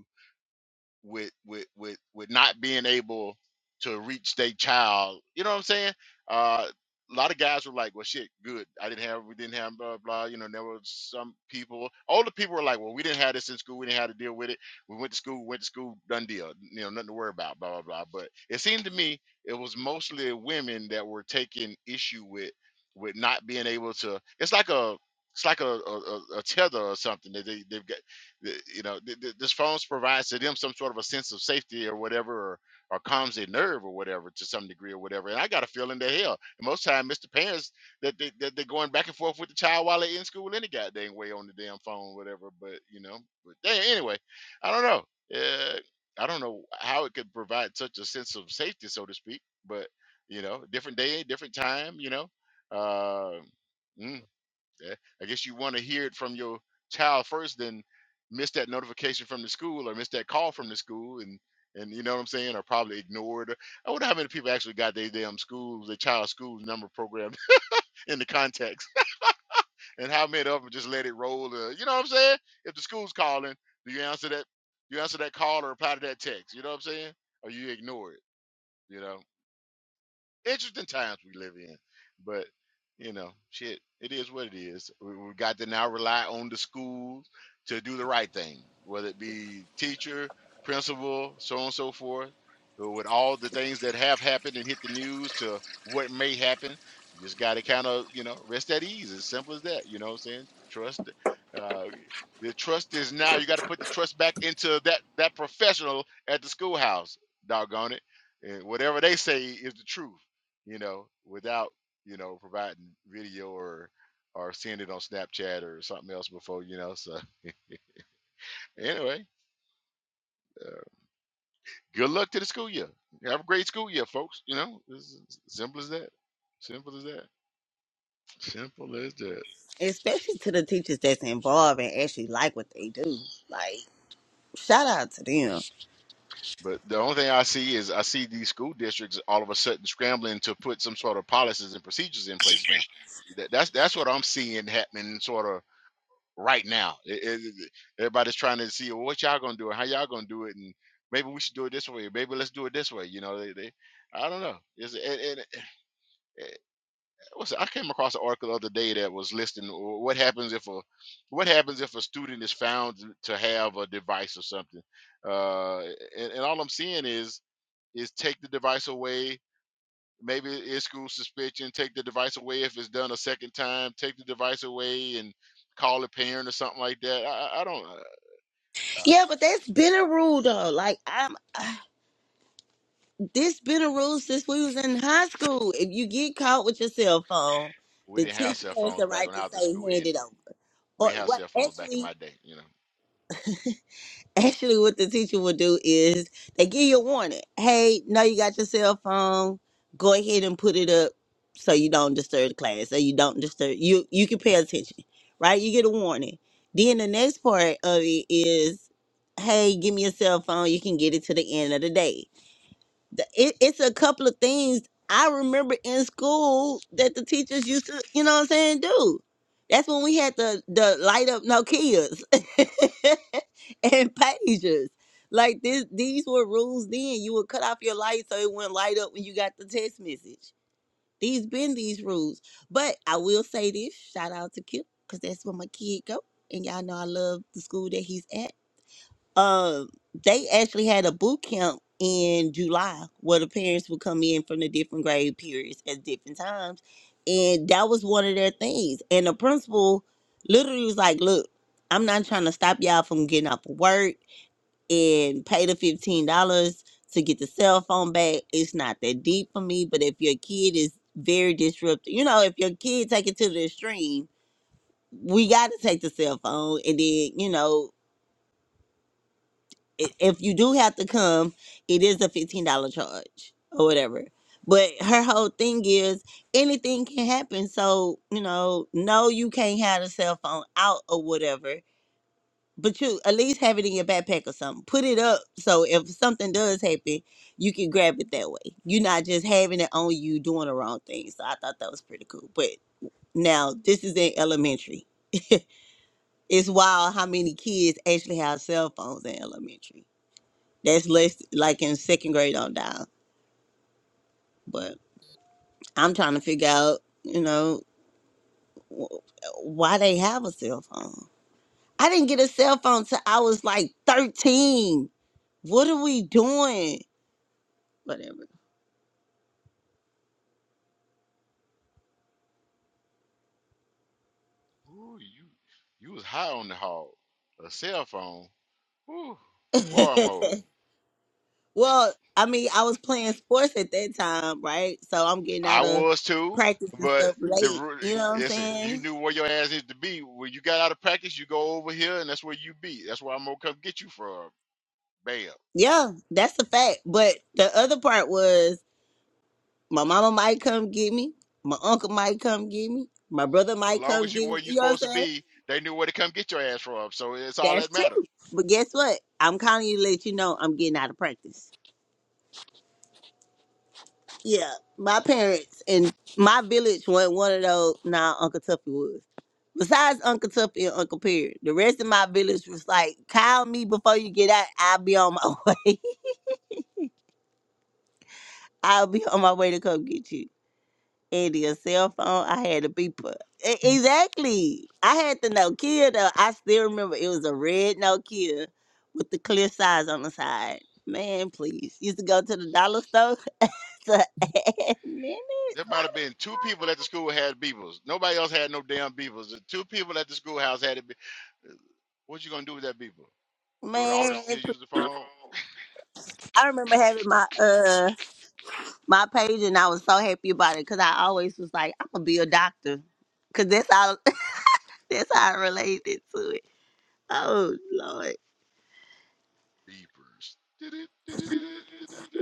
Speaker 1: with with with with not being able to reach their child. You know what I'm saying? Uh, a lot of guys were like, "Well, shit, good. I didn't have, we didn't have, blah blah." You know, and there were some people. Older people were like, "Well, we didn't have this in school. We didn't have to deal with it. We went to school, went to school, done deal. You know, nothing to worry about." Blah blah blah. But it seemed to me it was mostly women that were taking issue with with not being able to. It's like a it's like a, a, a a tether or something that they they've got th- you know, th- th- this phone provides to them some sort of a sense of safety or whatever, or, or calms their nerve or whatever to some degree or whatever. And I got a feeling that hell, most time, Mr. Parents that they that they're going back and forth with the child while they're in school any goddamn way on the damn phone, whatever. But you know, but they, anyway, I don't know. Uh, I don't know how it could provide such a sense of safety, so to speak. But you know, different day, different time. You know, uh, mm, Eh, I guess you want to hear it from your child first, then miss that notification from the school or miss that call from the school, and and you know what I'm saying, or probably ignored. I wonder how many people actually got their damn schools, their child school number program (laughs) in the context, and how many of them just let it roll. Uh, you know what I'm saying? If the school's calling, do you answer that? You answer that call or reply to that text. You know what I'm saying? Or you ignore it. You know interesting times we live in. But you know, shit, it is what it is. We, we got to now rely on the schools to do the right thing, whether it be teacher, principal, so on and so forth. But With all the things that have happened and hit the news to what may happen, you just got to kind of you know rest at ease. As simple as that. You know what I'm saying? Trust. Uh, the trust is now. You got to put the trust back into that that professional at the schoolhouse. Doggone it! And whatever they say is the truth you know, without, you know, providing video or or seeing it on Snapchat or something else before, you know. So (laughs) anyway, uh, good luck to the school year. Have a great school year, folks. You know, it's as simple as that. Simple as that. Simple as that.
Speaker 2: Especially to the teachers that's involved and actually like what they do. Like shout out to them.
Speaker 1: But the only thing I see is I see these school districts all of a sudden scrambling to put some sort of policies and procedures in place now. That, that's that's what I'm seeing happening, sort of right now. It- it- it- everybody's trying to see well, what y'all gonna do and how y'all gonna do it, and maybe we should do it this way. Maybe let's do it this way. You know, they, they I don't know. It's, it, it, it, it- what's it- I came across an article the other day that was listing wh- what happens if a what happens if a student is found to to have a device or something, uh, and, and all I'm seeing is is take the device away. Maybe it's school suspension. Take the device away if it's done a second time. Take the device away and call a parent or something like that. I, I I don't. Uh,
Speaker 2: Yeah, but that's been a rule though. Like I'm this been a rule since we was in high school. If you get caught with your cell phone,
Speaker 1: we
Speaker 2: the
Speaker 1: didn't have
Speaker 2: teacher
Speaker 1: cell
Speaker 2: has
Speaker 1: phones
Speaker 2: the
Speaker 1: back
Speaker 2: right
Speaker 1: when
Speaker 2: to
Speaker 1: I was in
Speaker 2: say
Speaker 1: school,
Speaker 2: hand
Speaker 1: and
Speaker 2: it over.
Speaker 1: we
Speaker 2: or
Speaker 1: didn't have
Speaker 2: what
Speaker 1: cell phones back in
Speaker 2: actually
Speaker 1: my day. You know,
Speaker 2: actually what the teacher will do is they give you a warning hey now you got your cell phone go ahead and put it up so you don't disturb the class so you don't disturb you you can pay attention right you get a warning then the next part of it is hey give me your cell phone you can get it to the end of the day the- it, it's a couple of things I remember in school that the teachers used to, you know what I'm saying, do. That's when we had the the light up Nokias (laughs) and pagers. Like this, these were rules then. You would cut off your light so it wouldn't light up when you got the text message. These been these rules. But I will say this, shout out to Kip, because that's where my kid go. And y'all know I love the school that he's at uh, they actually had a boot camp in July where the parents would come in from the different grade periods at different times. And that was one of their things. And the principal literally was like, Look, I'm not trying to stop y'all from getting off of work and pay the $15 to get the cell phone back. It's not that deep for me. But if your kid is very disruptive, you know, if your kid take it to the extreme, we got to take the cell phone and then, you know, i- if you do have to come, it is a fifteen dollar charge or whatever. But her whole thing is anything can happen. So you know, no, you can't have the cell phone out or whatever. But you at least have it in your backpack or something. Put it up so if something does happen, you can grab it that way. You're not just having it on you doing the wrong thing. So I thought that was pretty cool. But now this is in elementary. It's wild how many kids actually have cell phones in elementary. That's less like in second grade on down. But I'm trying to figure out, you know, wh- why they have a cell phone. I didn't get a cell phone till I was like 13. What are we doing? Whatever.
Speaker 1: Ooh, you you was high on the hog. A cell phone, Ooh, boy I'm
Speaker 2: (laughs)
Speaker 1: old.
Speaker 2: well, I mean, I was playing sports at that time, right? So I'm getting
Speaker 1: I
Speaker 2: out of
Speaker 1: was too,
Speaker 2: practice and
Speaker 1: but
Speaker 2: stuff
Speaker 1: the
Speaker 2: late.
Speaker 1: ru-
Speaker 2: You know what I'm
Speaker 1: listen, you
Speaker 2: saying?
Speaker 1: knew where your ass needed to be when you got out of practice. You go over here, and that's where you be. That's where I'm gonna come get you from. Bam.
Speaker 2: Yeah, that's a fact. But the other part was My mama might come get me. My uncle might come get me. My brother
Speaker 1: Well,
Speaker 2: might
Speaker 1: long
Speaker 2: come
Speaker 1: as you
Speaker 2: get
Speaker 1: where
Speaker 2: me.
Speaker 1: you
Speaker 2: You know what I'm
Speaker 1: supposed to
Speaker 2: saying?
Speaker 1: be, they knew where to come get your ass from. So it's all
Speaker 2: That's
Speaker 1: that
Speaker 2: true.
Speaker 1: mattered.
Speaker 2: But guess what? I'm calling you to let you know I'm getting out of practice. Yeah, my parents and my village were one of those. Nah, Uncle Tuffy was. Besides Uncle Tuffy and Uncle Perry, the rest of my village was like, call me before you get out. I'll be on my (laughs) way. I'll be on my way to come get you. and your cell phone. I had to be put E- exactly. I had the Nokia though. I still remember it was a red Nokia with the clear sides on the side. Man, please. Used to go to the dollar store (laughs) to add minutes.
Speaker 1: There might have been two people at the school had beavers. Nobody else had no damn beavers. The two people at the schoolhouse had it. be- What you gonna do with that beaver? Go to the
Speaker 2: Man,
Speaker 1: office to use
Speaker 2: it's-
Speaker 1: the phone?
Speaker 2: I remember having my uh my page and I was so happy about it because I always was like, I'm gonna be a doctor, cause that's all (laughs) that's how I related to it. Oh Lord,
Speaker 1: Beavers. Did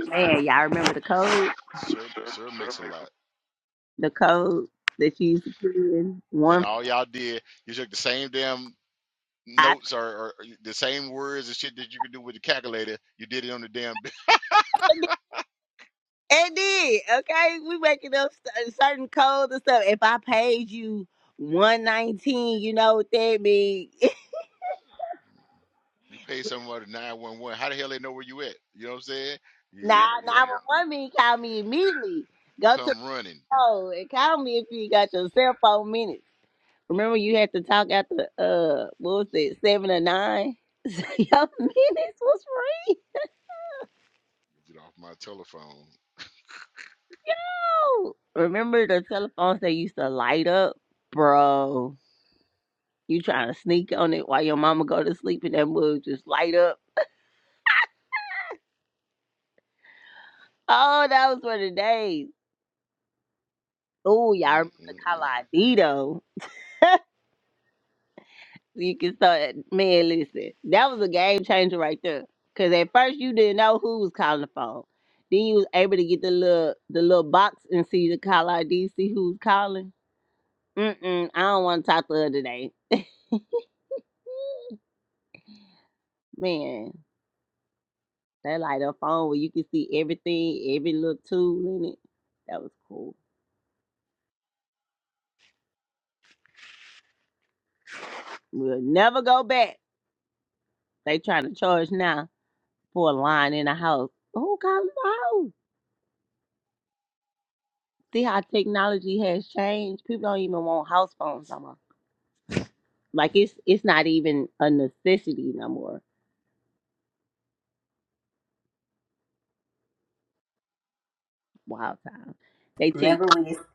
Speaker 2: man, y'all remember the code?
Speaker 1: Sir, sir, mix a lot.
Speaker 2: the code that you used to put in
Speaker 1: And
Speaker 2: one.
Speaker 1: all y'all did, you took the same damn
Speaker 2: I
Speaker 1: notes or, or the same words and shit that you could do with the calculator. You did it on the damn. (laughs) be-
Speaker 2: it did. Okay, we making up st- uh, certain codes and stuff. If I paid you one nineteen, you know what that mean. (laughs)
Speaker 1: You paid somebody nine one one. How the hell they know where you at? You know what I'm saying? You,
Speaker 2: Now,
Speaker 1: you
Speaker 2: now
Speaker 1: know,
Speaker 2: one one mean call me immediately. Go to the
Speaker 1: come running.
Speaker 2: code and call me if you got your cell phone minutes. Remember, you had to talk after uh, what was it, seven or nine? (laughs) So your minutes was free.
Speaker 1: Get off my telephone.
Speaker 2: Oh, Remember the telephones that used to light up, bro. You trying to sneak on it while your mama go to sleep and that mug just light up. Oh, that was for the days. Oh, y'all remember
Speaker 1: Mm-mm-mm.
Speaker 2: the ID though? You can start, man, listen. That was a game changer right there. Cause at first you didn't know who was calling the phone. Then you was able to get the little the little box and see the call ID, see who's calling. Mm-mm, I don't want to talk to her today. Man, that light up phone where you can see everything, every little tool in it. That was cool. We'll never go back. They trying to charge now for a line in a house. Who got a house? See how technology has changed. People don't even want house phones no more. Like it's it's not even a necessity no more. Wild time. They take
Speaker 6: Remember when you-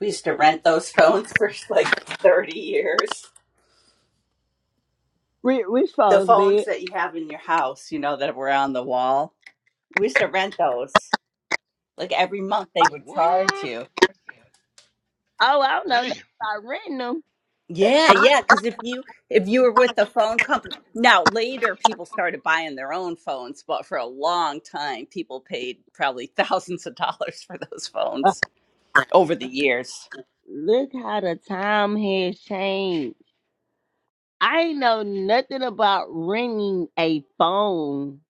Speaker 6: we used to rent those (laughs) phones for like 30 years?
Speaker 2: rich, rich
Speaker 6: The
Speaker 2: folks, man.
Speaker 6: phones that you have in your house, you know, that were on the wall. We used to rent those. Like every month they would charge
Speaker 1: What?
Speaker 6: you.
Speaker 2: Oh, I don't know.
Speaker 1: Damn.
Speaker 2: I renting them.
Speaker 6: Yeah, yeah, cuz if you if you were with the phone company. Now, later people started buying their own phones, but for a long time people paid probably (laughs) thousands of dollars for those phones. over the years.
Speaker 2: Look how the time has changed. I ain't know nothing about renting a phone.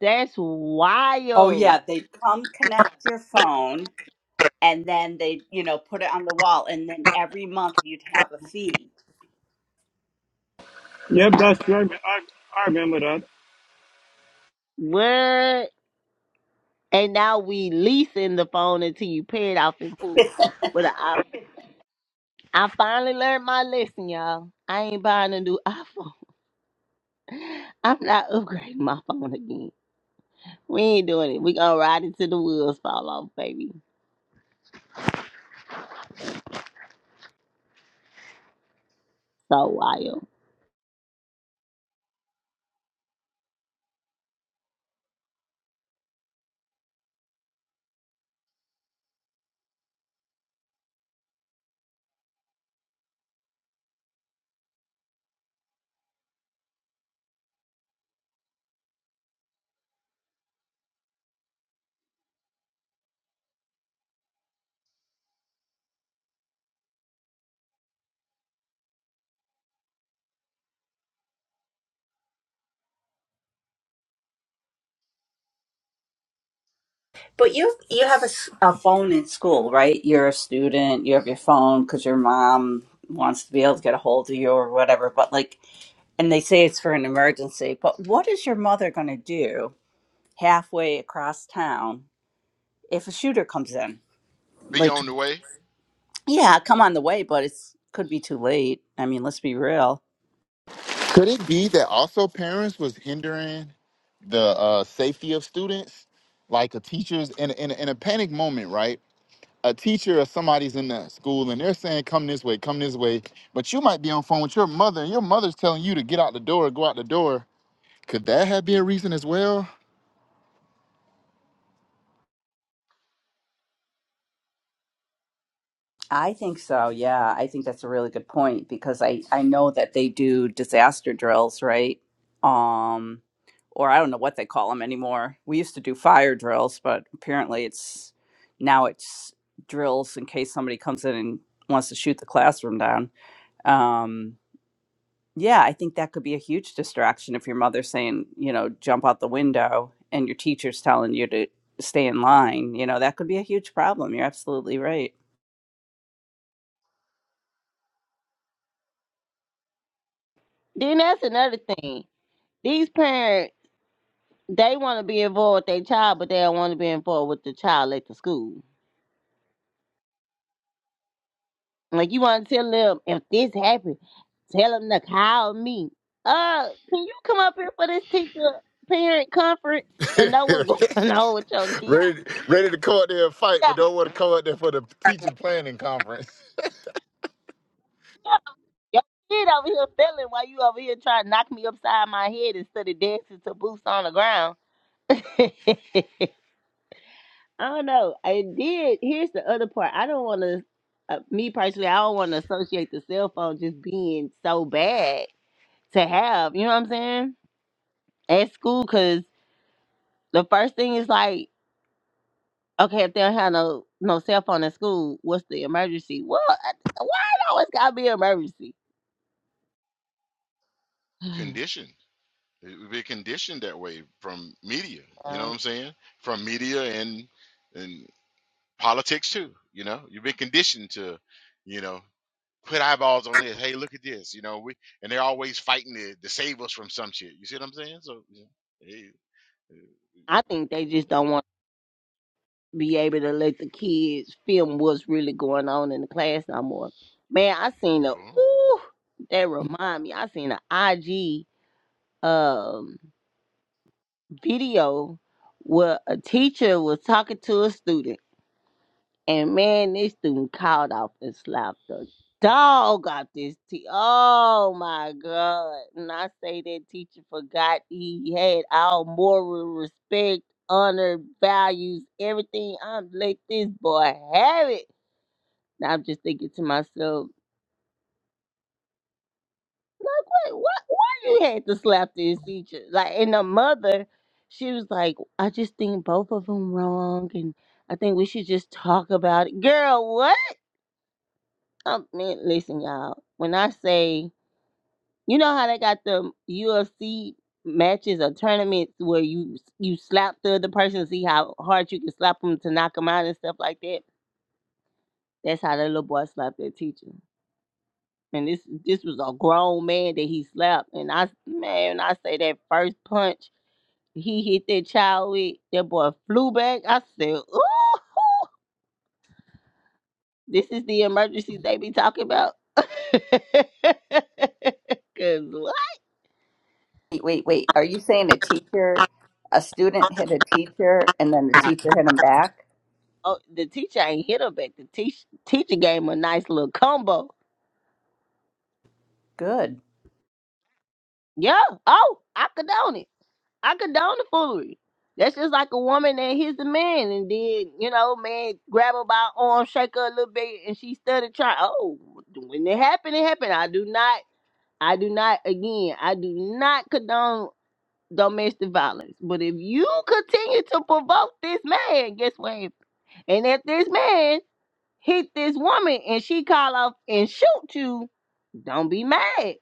Speaker 2: That's
Speaker 6: Oh
Speaker 2: wild.
Speaker 6: yeah, they come connect your phone and then they, you know, put it on the wall and then every month you'd have a fee. (laughs)
Speaker 8: Yep, that's true. I, rem- I, I remember that.
Speaker 2: What? And now we leasing the phone until you pay it off in full. But I, I finally learned my lesson, y'all. I ain't buying a new (laughs) iPhone. I'm not upgrading my phone again. We ain't doing it. We gonna ride it till the wheels fall off, baby. So wild.
Speaker 6: But you you have a, s- a phone in school, right? You're a student, you have your phone cuz your mom wants to be able to get a hold of you or whatever, but like and they say it's for an emergency, but what is your mother going to do halfway across town if a shooter comes in?
Speaker 1: Be
Speaker 6: Like,
Speaker 1: on the way.
Speaker 6: yeah, come on the way, but it's could be too late. I mean, let's be real
Speaker 5: Could it be that also parents was hindering the uh, safety of students, like a teacher's in a, in, a, in a panic moment, right? a teacher or somebody's in the school and they're saying come this way come this way but you might be on phone with your mother and your mother's telling you to get out the door go out the door could that have been a reason as well
Speaker 6: I think so. Yeah, I think that's a really good point because I I know that they do disaster drills, right? Um, or I don't know what they call them anymore. We used to do fire drills, but apparently it's now it's drills in case somebody comes in and wants to shoot the classroom down. Um, yeah, I think that could be a huge distraction if your mother's saying, you know, jump out the window and your teacher's telling you to stay in line. You know, that could be a huge problem. You're absolutely right.
Speaker 2: Then that's another thing. These parents, they want to be involved with their child, but they don't want to be involved with the child at the school. Like you want to tell them if this happened, tell them to call me. Uh, can you come up here for this teacher parent conference
Speaker 5: (laughs)
Speaker 2: and know what's going (laughs) on with your kid?
Speaker 5: ready, ready to come out there and fight
Speaker 2: Yeah,
Speaker 5: but don't want to come out there for the teacher planning conference
Speaker 2: yeah, your kid over here failing while you over here trying to knock me upside my head instead of dancing to boots on the ground. (laughs) I don't know. I did. Here's the other part. I don't want to. Uh, me personally, I don't want to associate the cell phone just being so bad to have. You know what I'm saying? At school, because. the first thing is like, okay, if they don't have no no cell phone in school, what's the emergency? Well, I- why it always gotta be an emergency? (sighs)
Speaker 1: Conditioned. It would be conditioned that way from media. You know
Speaker 2: Um,
Speaker 1: what I'm saying? From media and and politics too. You know, you've been conditioned to, you know, put eyeballs on this. Hey, look at this. You know, we and they're always fighting to, to save us from some shit. You see what I'm saying? So yeah. Hey, eh,
Speaker 2: I think they just
Speaker 1: yeah.
Speaker 2: don't want to be able to let the kids film what's really going on in the class no more. Man, I seen a
Speaker 1: Go on.
Speaker 2: ooh, that remind me. I seen a IG um video where a teacher was talking to a student And man, this dude called off and slapped the dog out this teacher. Oh my God. And I say that teacher forgot he had all moral respect, honor, values, everything. I'm let this boy have it. And I'm just thinking to myself, like, wait, why, why you had to slap this teacher? Like, and the mother, she was like, I just think both of them wrong. And I think we should just talk about it. Girl, what? Um, man, listen, y'all. When I say, you know how they got the UFC matches or tournaments where you you slap the other person, see how hard you can slap them to knock them out and stuff like that. That's how that little boy slapped that teacher. And this this was a grown man that he slapped. And I man, when I say that first punch he hit that child with, that boy flew back. I said, ooh, this is the emergency they be talking about. (laughs) Cause what?
Speaker 6: Wait, wait, wait. Are you saying a teacher, a student hit a teacher and then the teacher hit him back?
Speaker 2: Oh, the teacher ain't hit her back. The teach, teacher gave him a nice little combo.
Speaker 6: Good.
Speaker 2: Yeah. Oh, I condone it. I condone the foolery. That's just like a woman that hits a man and then, you know, man grab her by her arm, shake her a little bit, and she started trying. Oh, when it happened, it happened. I do not, I do not, again, I do not condone domestic violence. But if you continue to provoke this man, guess what? And if this man hit this woman and she call off and shoot you, don't be mad.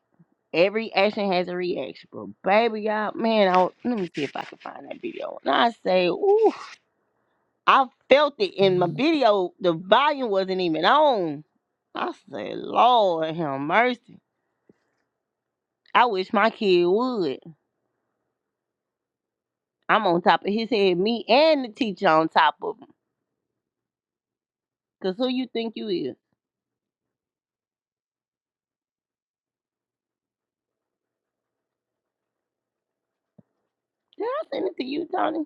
Speaker 2: Every action has a reaction. But baby, y'all, man, I, let me see if I can find that video. And I say, ooh, I felt it in my video. The volume wasn't even on. I said, Lord have mercy. I wish my kid would. I'm on top of his head, me and the teacher on top of him. Cause who you think you is? Did I send it to you, Tony?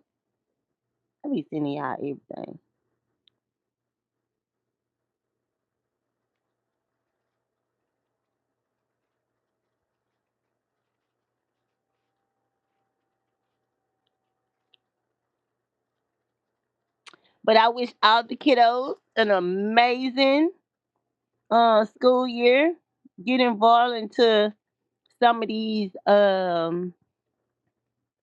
Speaker 2: I be sending y'all everything. But I wish all the kiddos an amazing uh, school year. Get involved into some of these um,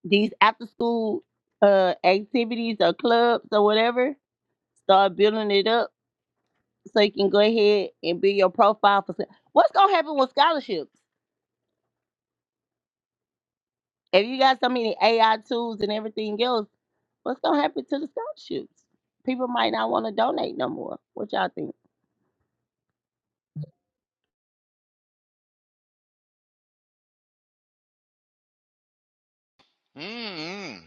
Speaker 2: these after school uh, activities or clubs or whatever. Start building it up so you can go ahead and build your profile for. What's gonna happen with scholarships? If you got so many AI tools and everything else, what's gonna happen to the scholarships? People might not want to donate no more. What y'all think?
Speaker 1: Mm-mm.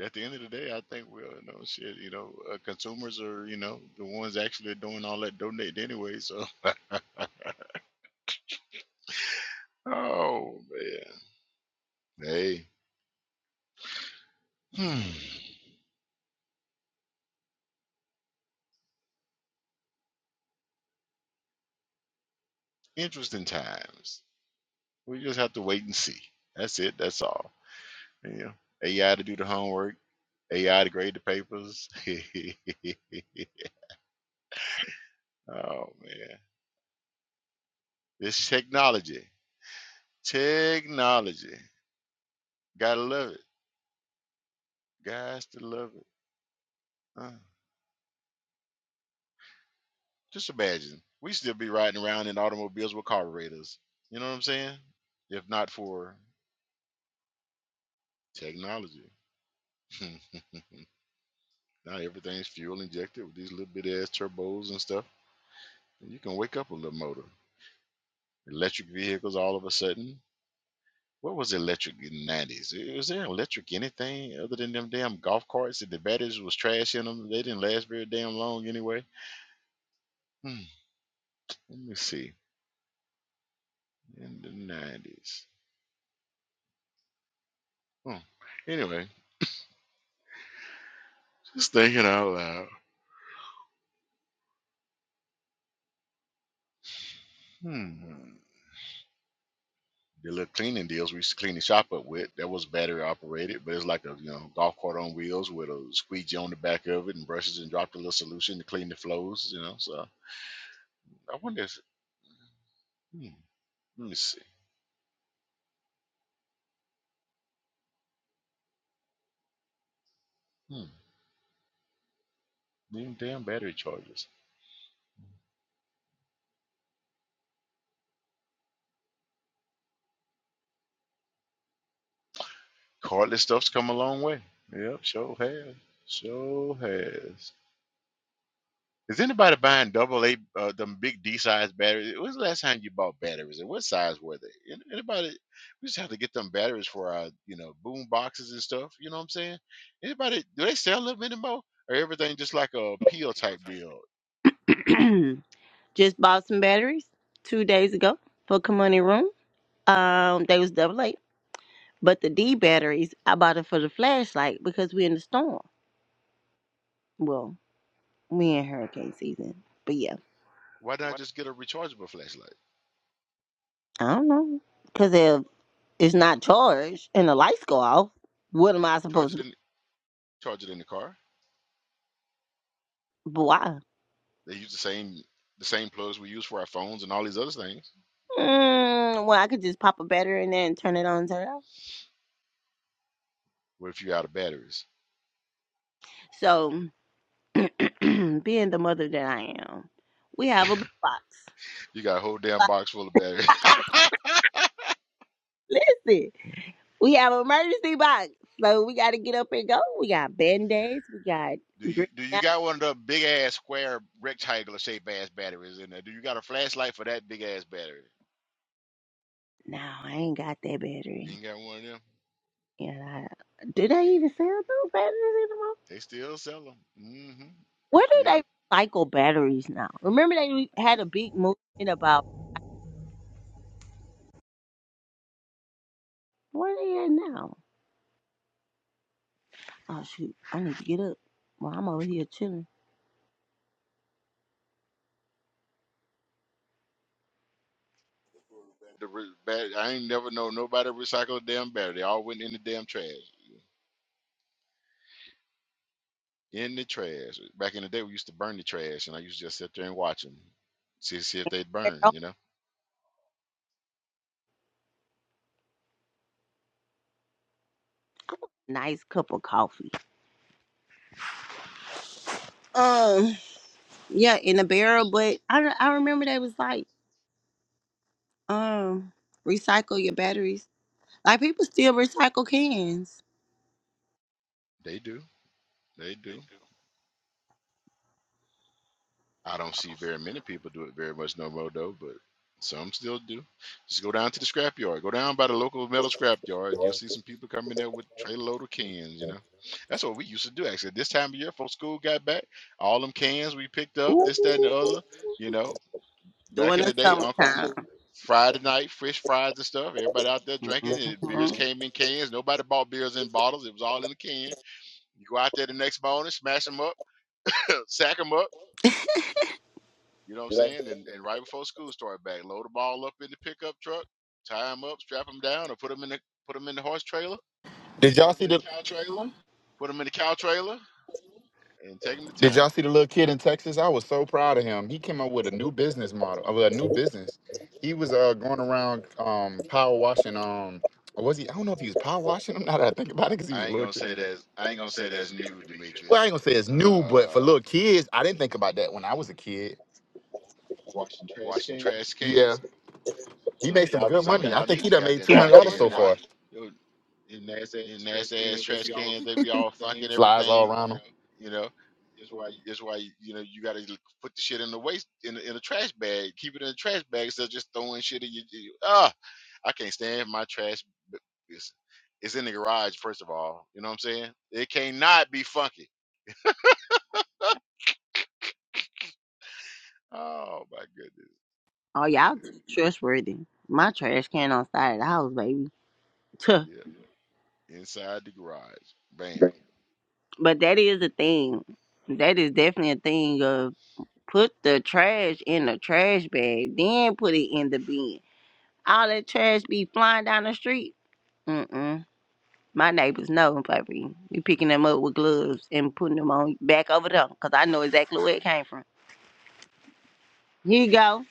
Speaker 1: at the end of the day, I think we're you know shit. You know, uh, consumers are you know the ones actually doing all that donating anyway. So, (laughs) oh man, hey, hmm. interesting times. We just have to wait and see. That's it. That's all. Yeah, AI to do the homework. AI to grade the papers. (laughs) oh man, this technology, technology, gotta love it. Guys, to love it. Uh, Just imagine, we still be riding around in automobiles with carburetors. You know what I'm saying? If not for technology. (laughs) now everything's fuel injected with these little bit ass turbos and stuff. And you can wake up a little motor. Electric vehicles all of a sudden. What was electric in the 90s? Was there electric anything other than them damn golf carts that the batteries was trash in them? They didn't last very damn long anyway. Hmm, let me see. In the 90s. Hmm. Anyway, just thinking out loud. Hmm. The little cleaning deals we used to clean the shop up with, that was battery operated, but it's like a you know golf cart on wheels with a squeegee on the back of it and brushes and dropped a little solution to clean the flows, you know. So I wonder if hmm, let me see. Hmm. Even damn battery chargers. Cordless stuff's come a long way. Yep, sure has. Sure has. Is anybody buying double A, uh, them big D size batteries? When's the last time you bought batteries, and what size were they? An- Anybody? We just have to get them batteries for our, you know, boom boxes and stuff. You know what I'm saying? Anybody? Do they sell them anymore, or everything just like a peel type deal?
Speaker 2: (clears throat) Just bought some batteries two days ago for Kamani Room. Um, they was double A. But the D batteries, I bought it for the flashlight because we in the storm. Well, we in hurricane season. But yeah,
Speaker 1: Why not just get a rechargeable flashlight?
Speaker 2: I don't know. Because if it's not charged and the lights go off, what am I
Speaker 1: Charge
Speaker 2: supposed
Speaker 1: it
Speaker 2: to do?
Speaker 1: in, charge it in the car.
Speaker 2: But Why?
Speaker 1: They use the same, the same plugs we use for our phones and all these other things.
Speaker 2: Mm, well, I could just pop a battery in there and turn it on and turn it off.
Speaker 1: What if you're out of batteries?
Speaker 2: So, (clears throat) being the mother that I am, we have a box.
Speaker 1: You got a whole damn
Speaker 2: Like,
Speaker 1: box full of batteries. (laughs)
Speaker 2: Listen. We have an emergency box, so we got to get up and go. We got band aids. We got.
Speaker 1: Do you
Speaker 2: green-
Speaker 1: do you got one of the big ass square rectangular shaped ass batteries in there? Do you got a flashlight for that big ass battery?
Speaker 2: No, I ain't got that
Speaker 1: You
Speaker 2: battery.
Speaker 1: ain't got one of them.
Speaker 2: And I, do they even sell those batteries anymore?
Speaker 1: They still sell them. Mm-hmm.
Speaker 2: Where do
Speaker 1: Yep.
Speaker 2: they recycle batteries now? Remember they had a big movement about where they at now. Oh shoot, I need to get up. Well, I'm over here chilling.
Speaker 1: The re- bat- I ain't never know nobody recycle a damn battery. They all went in the damn trash. In the trash. Back in the day, we used to burn the trash, and I used to just sit there and watch them, see see if they'd burn.
Speaker 2: Oh,
Speaker 1: You know,
Speaker 2: Nice cup of coffee. Um, yeah, in a barrel, but I, I remember they was like, um, recycle your batteries. Like people still recycle cans.
Speaker 1: they do. They do. I don't see very many people do it very much no more though, but some still do. Just go down to the scrap yard. Go down by the local metal scrap yard and you'll see some people coming there with trailer load of cans, you know. That's what we used to do actually. This time of year folks school got back, all them cans we picked up, this, that, and the
Speaker 2: Ooh,
Speaker 1: other, you know. Back
Speaker 2: during
Speaker 1: in
Speaker 2: the
Speaker 1: the day, uncles
Speaker 2: summertime.
Speaker 1: Friday night, fish fries and stuff. Everybody out there drinking and beers
Speaker 2: Mhm.
Speaker 1: came in cans. Nobody bought beers in bottles. It was all in a can. You go out there the next morning, smash them up, (coughs) (laughs) sack 'em up You know what I'm saying? And, and right before school started back, load them all up in the pickup truck, tie them up, strap them down, or put them in the put them in the horse trailer,
Speaker 5: did y'all see the trailer?
Speaker 1: put them in the cow trailer, and take them to
Speaker 5: Did y'all
Speaker 1: town.
Speaker 5: see the little kid in Texas? I was so proud of him. He came up with a new business model, of a new business. He was uh, going around um, power washing. Um, or was he? I don't know if he was power washing (laughs) them. Now that I think about it, because he was I
Speaker 1: I
Speaker 5: a
Speaker 1: ain't
Speaker 5: ain't little
Speaker 1: gonna say
Speaker 5: gonna kid. say that's
Speaker 1: that's
Speaker 5: I
Speaker 1: I
Speaker 5: ain't
Speaker 1: ain't
Speaker 5: gonna
Speaker 1: gonna
Speaker 5: say
Speaker 1: say
Speaker 5: that's
Speaker 1: that's
Speaker 5: new,
Speaker 1: new,
Speaker 5: Demetrius. Well, I
Speaker 1: Demetrius.
Speaker 5: ain't gonna say it's new, but for
Speaker 1: Uh,
Speaker 5: little kids, I didn't think about that when I was a kid.
Speaker 1: washing trash
Speaker 5: Yeah,
Speaker 1: cans.
Speaker 5: he made some Y'all good be
Speaker 1: Some of
Speaker 5: money. I forgetting
Speaker 1: y'all
Speaker 5: think
Speaker 1: need
Speaker 5: he
Speaker 1: the
Speaker 5: done made
Speaker 1: goddamn
Speaker 5: two hundred (laughs)
Speaker 1: trash
Speaker 5: dollars
Speaker 1: cans
Speaker 5: so
Speaker 1: washed.
Speaker 5: far.
Speaker 1: Yo,
Speaker 5: them ass ass trash
Speaker 1: nasty ass
Speaker 5: cans,
Speaker 1: trash
Speaker 5: y'all
Speaker 1: cans. They
Speaker 5: fucking
Speaker 1: be all funky
Speaker 5: everything.
Speaker 1: and
Speaker 5: Flies all
Speaker 1: everything.
Speaker 5: around You him. know,
Speaker 1: You know, that's why you know you gotta put the shit in the waste in the, in a trash bag. Keep it in a trash bag instead of just throwing shit in your. Ah. I can't stand my trash. b- It's, it's in the garage, first of all. You know what I'm saying? It cannot be funky. Oh my goodness.
Speaker 2: Oh y'all
Speaker 1: Uh,
Speaker 2: trustworthy. My trash can on side of the house, baby. Tuh.
Speaker 1: Yep. Inside the garage. Bam.
Speaker 2: But that is a thing. That is definitely a thing of put the trash in the trash bag, then put it in the bin. All that trash be flying down the street. Mm-mm. My neighbors know, baby. We picking them up with gloves and putting them on back over there, 'cause I know exactly where it came from. Here you go.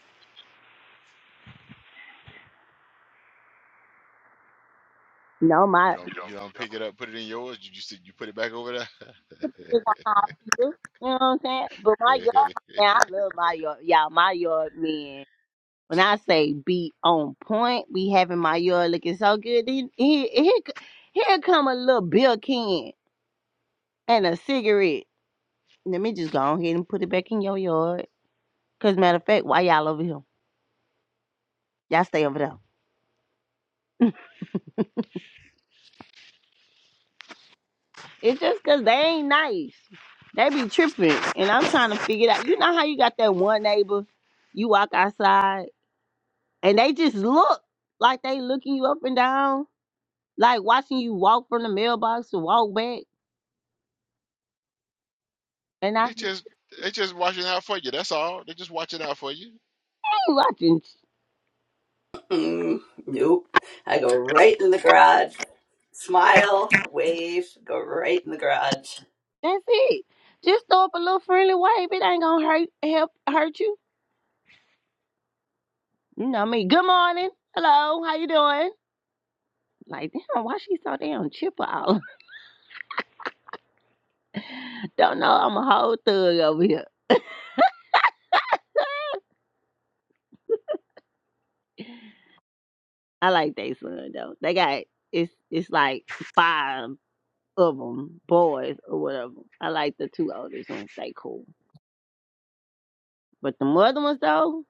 Speaker 2: No,
Speaker 1: You
Speaker 2: my
Speaker 1: don't you don't pick it up, put it in yours. You just you put it back over
Speaker 2: is a hospital. You know what I'm saying? But my
Speaker 1: there.
Speaker 2: yard man, I love my yard. Y'all, my yard man. When I say be on point, be having my yard looking so good. Then here, here, here come a little bill can and a cigarette. Let me just go on here and put it back in your yard. Cause matter of fact, why y'all over here? Y'all stay over there. It's just cause they ain't nice. They be tripping, and I'm trying to figure it out. You know how you got that one neighbor? You walk outside. and they just look like they looking you up and down, like watching you walk from the mailbox to walk back. And
Speaker 1: (laughs)
Speaker 2: I
Speaker 1: they
Speaker 2: just
Speaker 1: just they just watching out for you. That's all. They just watching out for you.
Speaker 2: I ain't watching.
Speaker 6: Mm, nope. I go right in the garage, way in the garage.
Speaker 2: That's it. Just throw up a little friendly wave. It ain't gonna hurt help hurt you. You know me. Good morning. Hello. How you doing? Like damn, why she so damn chipper out? (laughs) I Don't know. I'm a whole thug over here. I like they son though. They got it's it's like five of them boys or whatever. I like the two oldest ones. They cool. But the other ones though,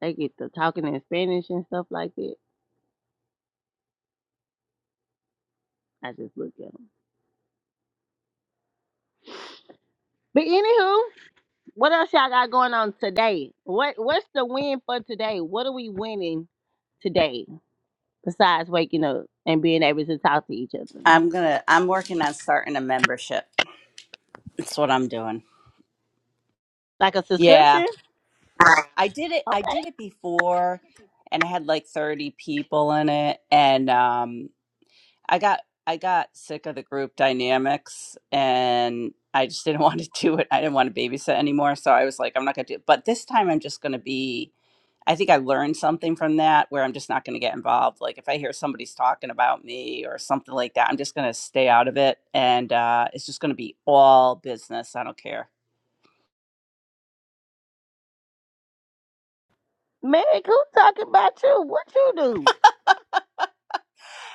Speaker 2: They get to talking in Spanish and stuff like that. I just look at them. But anywho, what else y'all got going on today? What What's the win for today? What are we winning today besides waking up and being able to talk to each other?
Speaker 6: I'm gonna. I'm working on starting a membership. That's what I'm doing.
Speaker 2: Like a
Speaker 6: Yeah,
Speaker 2: subscription?
Speaker 6: I did it. I
Speaker 2: Okay.
Speaker 6: did it before, and I had like 30 people in it, and um. I got I got sick of the group dynamics and I just didn't (laughs) want to do it. I didn't want to babysit anymore. So I was like, I'm not gonna do it. But this time I'm just gonna be I think I learned something from that where I'm just not gonna get involved. Like if I hear somebody's talking about me or something like that, I'm just gonna stay out of it and uh it's just gonna be all business. I don't care.
Speaker 2: Meg, who talking about you? What you do?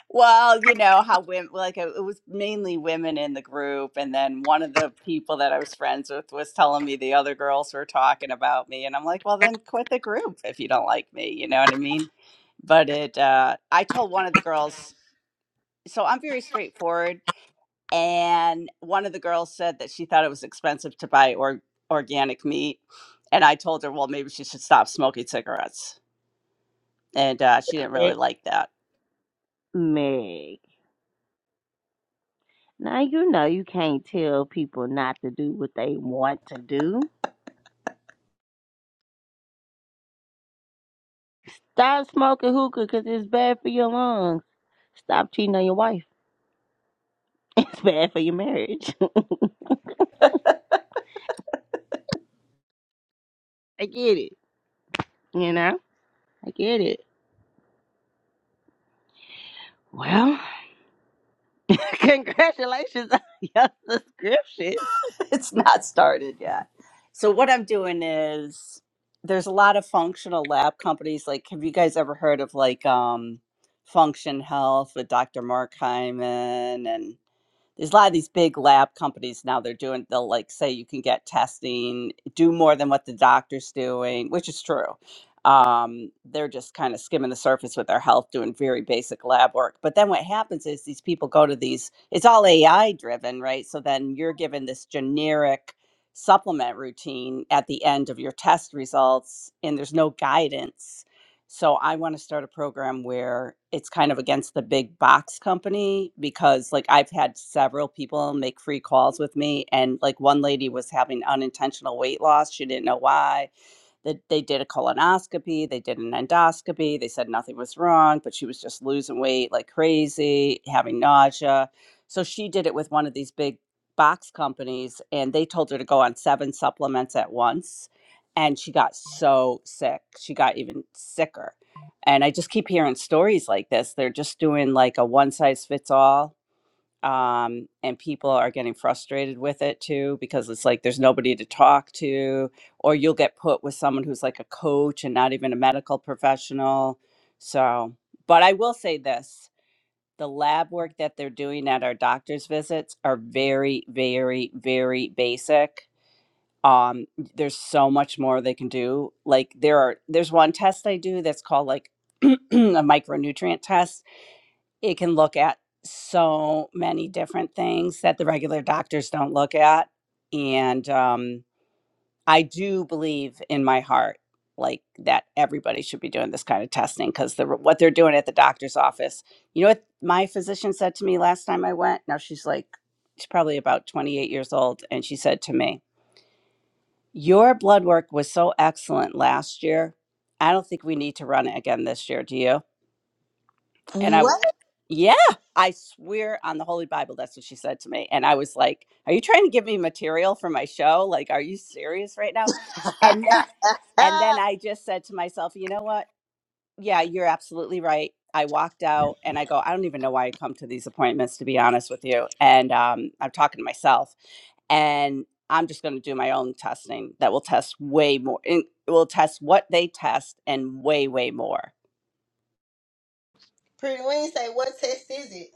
Speaker 6: Well, you know how women like it it was mainly women in the group, and then one of the people that I was friends with was telling me the other girls were talking about me, and I'm like, well, then quit the group if you don't like me. You know what I mean? But it, uh, I told one of the girls, so I'm very straightforward, and one of the girls said that she thought it was expensive to buy or organic meat, and I told her, well, maybe she should stop smoking cigarettes, and uh, she didn't really
Speaker 2: Meg.
Speaker 6: like that.
Speaker 2: Meg. Now you know you can't tell people not to do what they want to do. Stop smoking hookah because it's bad for your lungs. Stop cheating on your wife. (laughs) It's bad for your marriage. (laughs) I get it. You know, I get it. Well, (laughs) congratulations on your subscription.
Speaker 6: (laughs) it's not started yet. So what I'm doing is there's a lot of functional lab companies. Like, have you guys ever heard of like um Function Health with Dr. Mark Hyman and there's a lot of these big lab companies now they're doing they'll like say you can get testing do more than what the doctor's doing which is true um, they're just kind of skimming the surface with their health doing very basic lab work but then what happens is these people go to these it's all ai driven right so then you're given this generic supplement routine at the end of your test results and there's no guidance so I want to start a program where it's kind of against the big box company because like I've had several people make free calls with me and like one lady was having unintentional weight loss. She didn't know why. That they did a colonoscopy, they did an endoscopy, they said nothing was wrong, but she was just losing weight like crazy, having nausea. So she did it with one of these big box companies and they told her to go on seven supplements at once and she got so sick. She got even sicker. And I just keep hearing stories like this. They're just doing like a one size fits all. Um, and people are getting frustrated with it too because it's like there's nobody to talk to, or you'll get put with someone who's like a coach and not even a medical professional. So, but I will say this the lab work that they're doing at our doctor's visits are very, very, very basic um there's so much more they can do like there are there's one test i do that's called like (clears throat) a micronutrient test it can look at so many different things that the regular doctors don't look at and um i do believe in my heart like that everybody should be doing this kind of testing because the what they're doing at the doctor's office you know what my physician said to me last time i went now she's like she's probably about 28 years old and she said to me your blood work was so excellent last year. I don't think we need to run it again this year, do you? And I, w- Oh,
Speaker 2: What?
Speaker 6: yeah, I swear on the Holy Bible, that's what she said to me. And I was like, Are you trying to give me material for my show? Like, are you serious right now? And then, (laughs) and then
Speaker 2: (laughs)
Speaker 6: I just said to myself, You know what? Yeah, you're absolutely right. I walked out and I go, I don't even know why I come to these appointments, to be honest with you. And um, I'm talking to myself and I'm just going to do my own testing that will test way more. It will test what they test and way, way more.
Speaker 2: Pretty Wednesday, what test is it?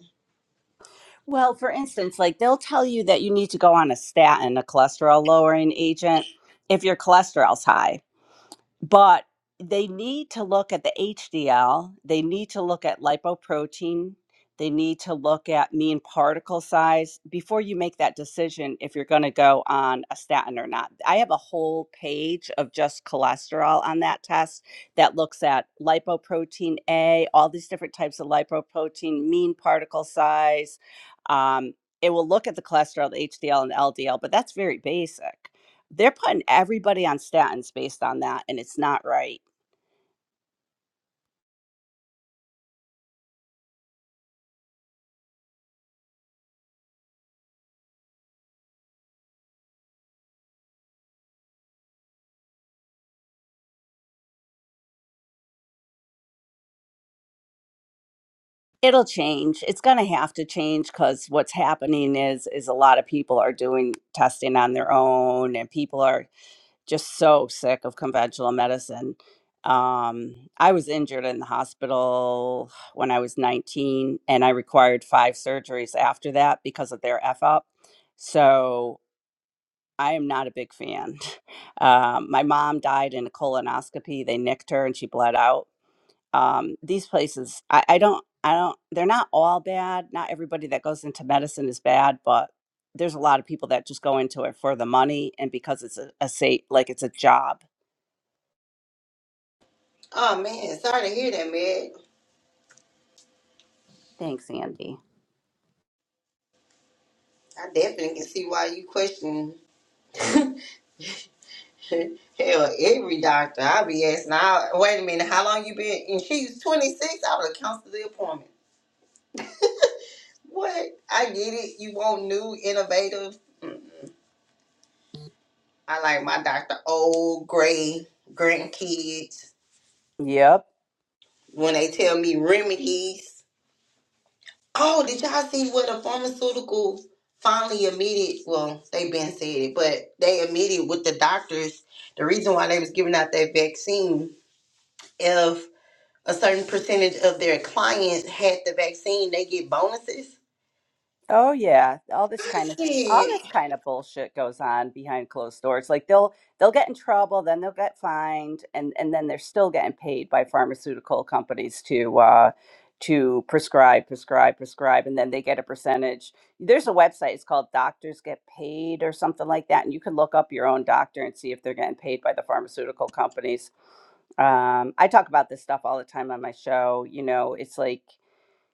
Speaker 6: Well, for instance, like they'll tell you that you need to go on a statin, a cholesterol lowering agent, if your cholesterol's high. but they need to look at the HDL. They need to look at lipoprotein. They need to look at mean particle size before you make that decision if you're going to go on a statin or not. I have a whole page of just cholesterol on that test that looks at lipoprotein A, all these different types of lipoprotein, mean particle size. Um, it will look at the cholesterol, the HDL, and LDL, but that's very basic. They're putting everybody on statins based on that, and it's not right. It'll change. It's going to have to change because what's happening is is a lot of people are doing testing on their own, and people are just so sick of conventional medicine. Um, I was injured in the hospital when I was 19, and I required five surgeries after that because of their f up. So I am not a big fan. (laughs) Um, my mom died in a colonoscopy. They nicked her and she bled out. um, these places I, I don't i don't they're not all bad not everybody that goes into medicine is bad but there's a lot of people that just go into it for the money and because it's a, a sa- like it's a job
Speaker 2: Oh man, sorry to hear that, man.
Speaker 6: thanks andy
Speaker 2: I definitely can see why you question (laughs) hell every doctor. I'll be asking. I, wait a minute, how long you been? And she's 26. I would have canceled the appointment. What? I get it. You want new, innovative. mm, I like my Dr. Old Gray grandkids
Speaker 6: yep
Speaker 2: when they tell me remedies. Oh, did y'all see what the pharmaceuticals finally admitted? Well, they been said it, but they admitted with the doctors the reason why they was giving out that vaccine. If a certain percentage of their clients had the vaccine, they get bonuses.
Speaker 6: Oh yeah, all this
Speaker 2: I
Speaker 6: kind of all this
Speaker 2: said,
Speaker 6: kind of bullshit goes on behind closed doors. Like they'll they'll get in trouble, then they'll get fined, and and then they're still getting paid by pharmaceutical companies to uh to prescribe, prescribe, prescribe, and then they get a percentage. There's a website, it's called Doctors Get Paid or something like that, and you can look up your own doctor and see if they're getting paid by the pharmaceutical companies. Um, I talk about this stuff all the time on my show. You know, it's like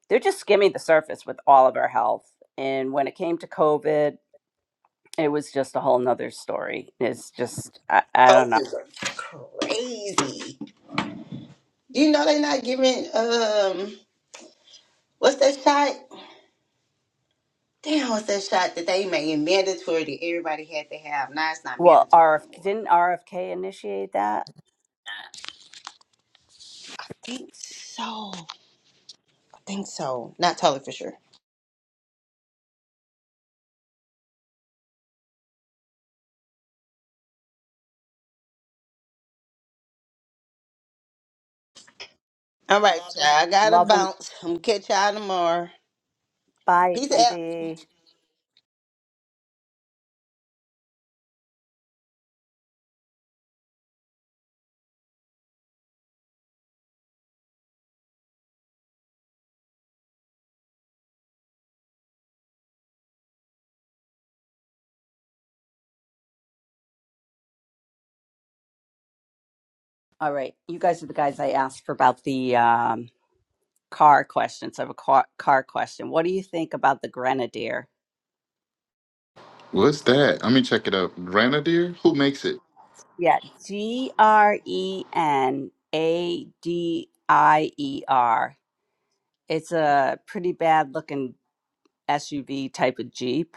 Speaker 6: they're just skimming the surface with all of our health. And when it came to COVID, it was just a whole nother story. It's just, I, I don't know.
Speaker 2: COVID was crazy. You know they not giving um what's that shot? Damn, what's that shot that they made mandatory that everybody had to have? Now it's not
Speaker 6: Well,
Speaker 2: mandatory
Speaker 6: RF,
Speaker 2: no more.
Speaker 6: didn't RFK initiate that?
Speaker 2: I think so. I think so. Not totally for sure. All right, y'all. I gotta
Speaker 6: Love him.
Speaker 2: bounce. I'm gonna catch y'all tomorrow.
Speaker 6: Bye,
Speaker 2: Peace out.
Speaker 6: Andy. All right. You guys are the guys I asked for about the um, car questions. I have a car, car question. What do you think about the Grenadier?
Speaker 5: What's that? Let me check it out. Grenadier? Who makes it?
Speaker 6: Yeah. G R E N A D I E R. It's a pretty bad looking SUV type of Jeep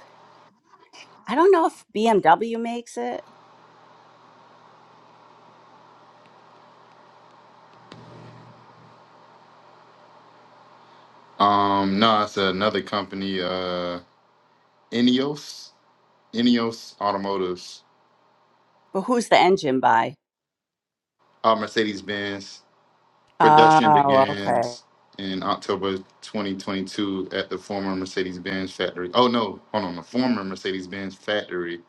Speaker 6: I don't know if BMW makes it.
Speaker 5: Um, no, it's another company, uh, Ineos, Ineos Automotives,
Speaker 6: But who's the engine by?
Speaker 5: uh, Mercedes Benz. Production
Speaker 6: Oh, okay.
Speaker 5: begins in October 2022 at the former Mercedes Benz factory. Oh, no, hold on, the former Mercedes Benz factory.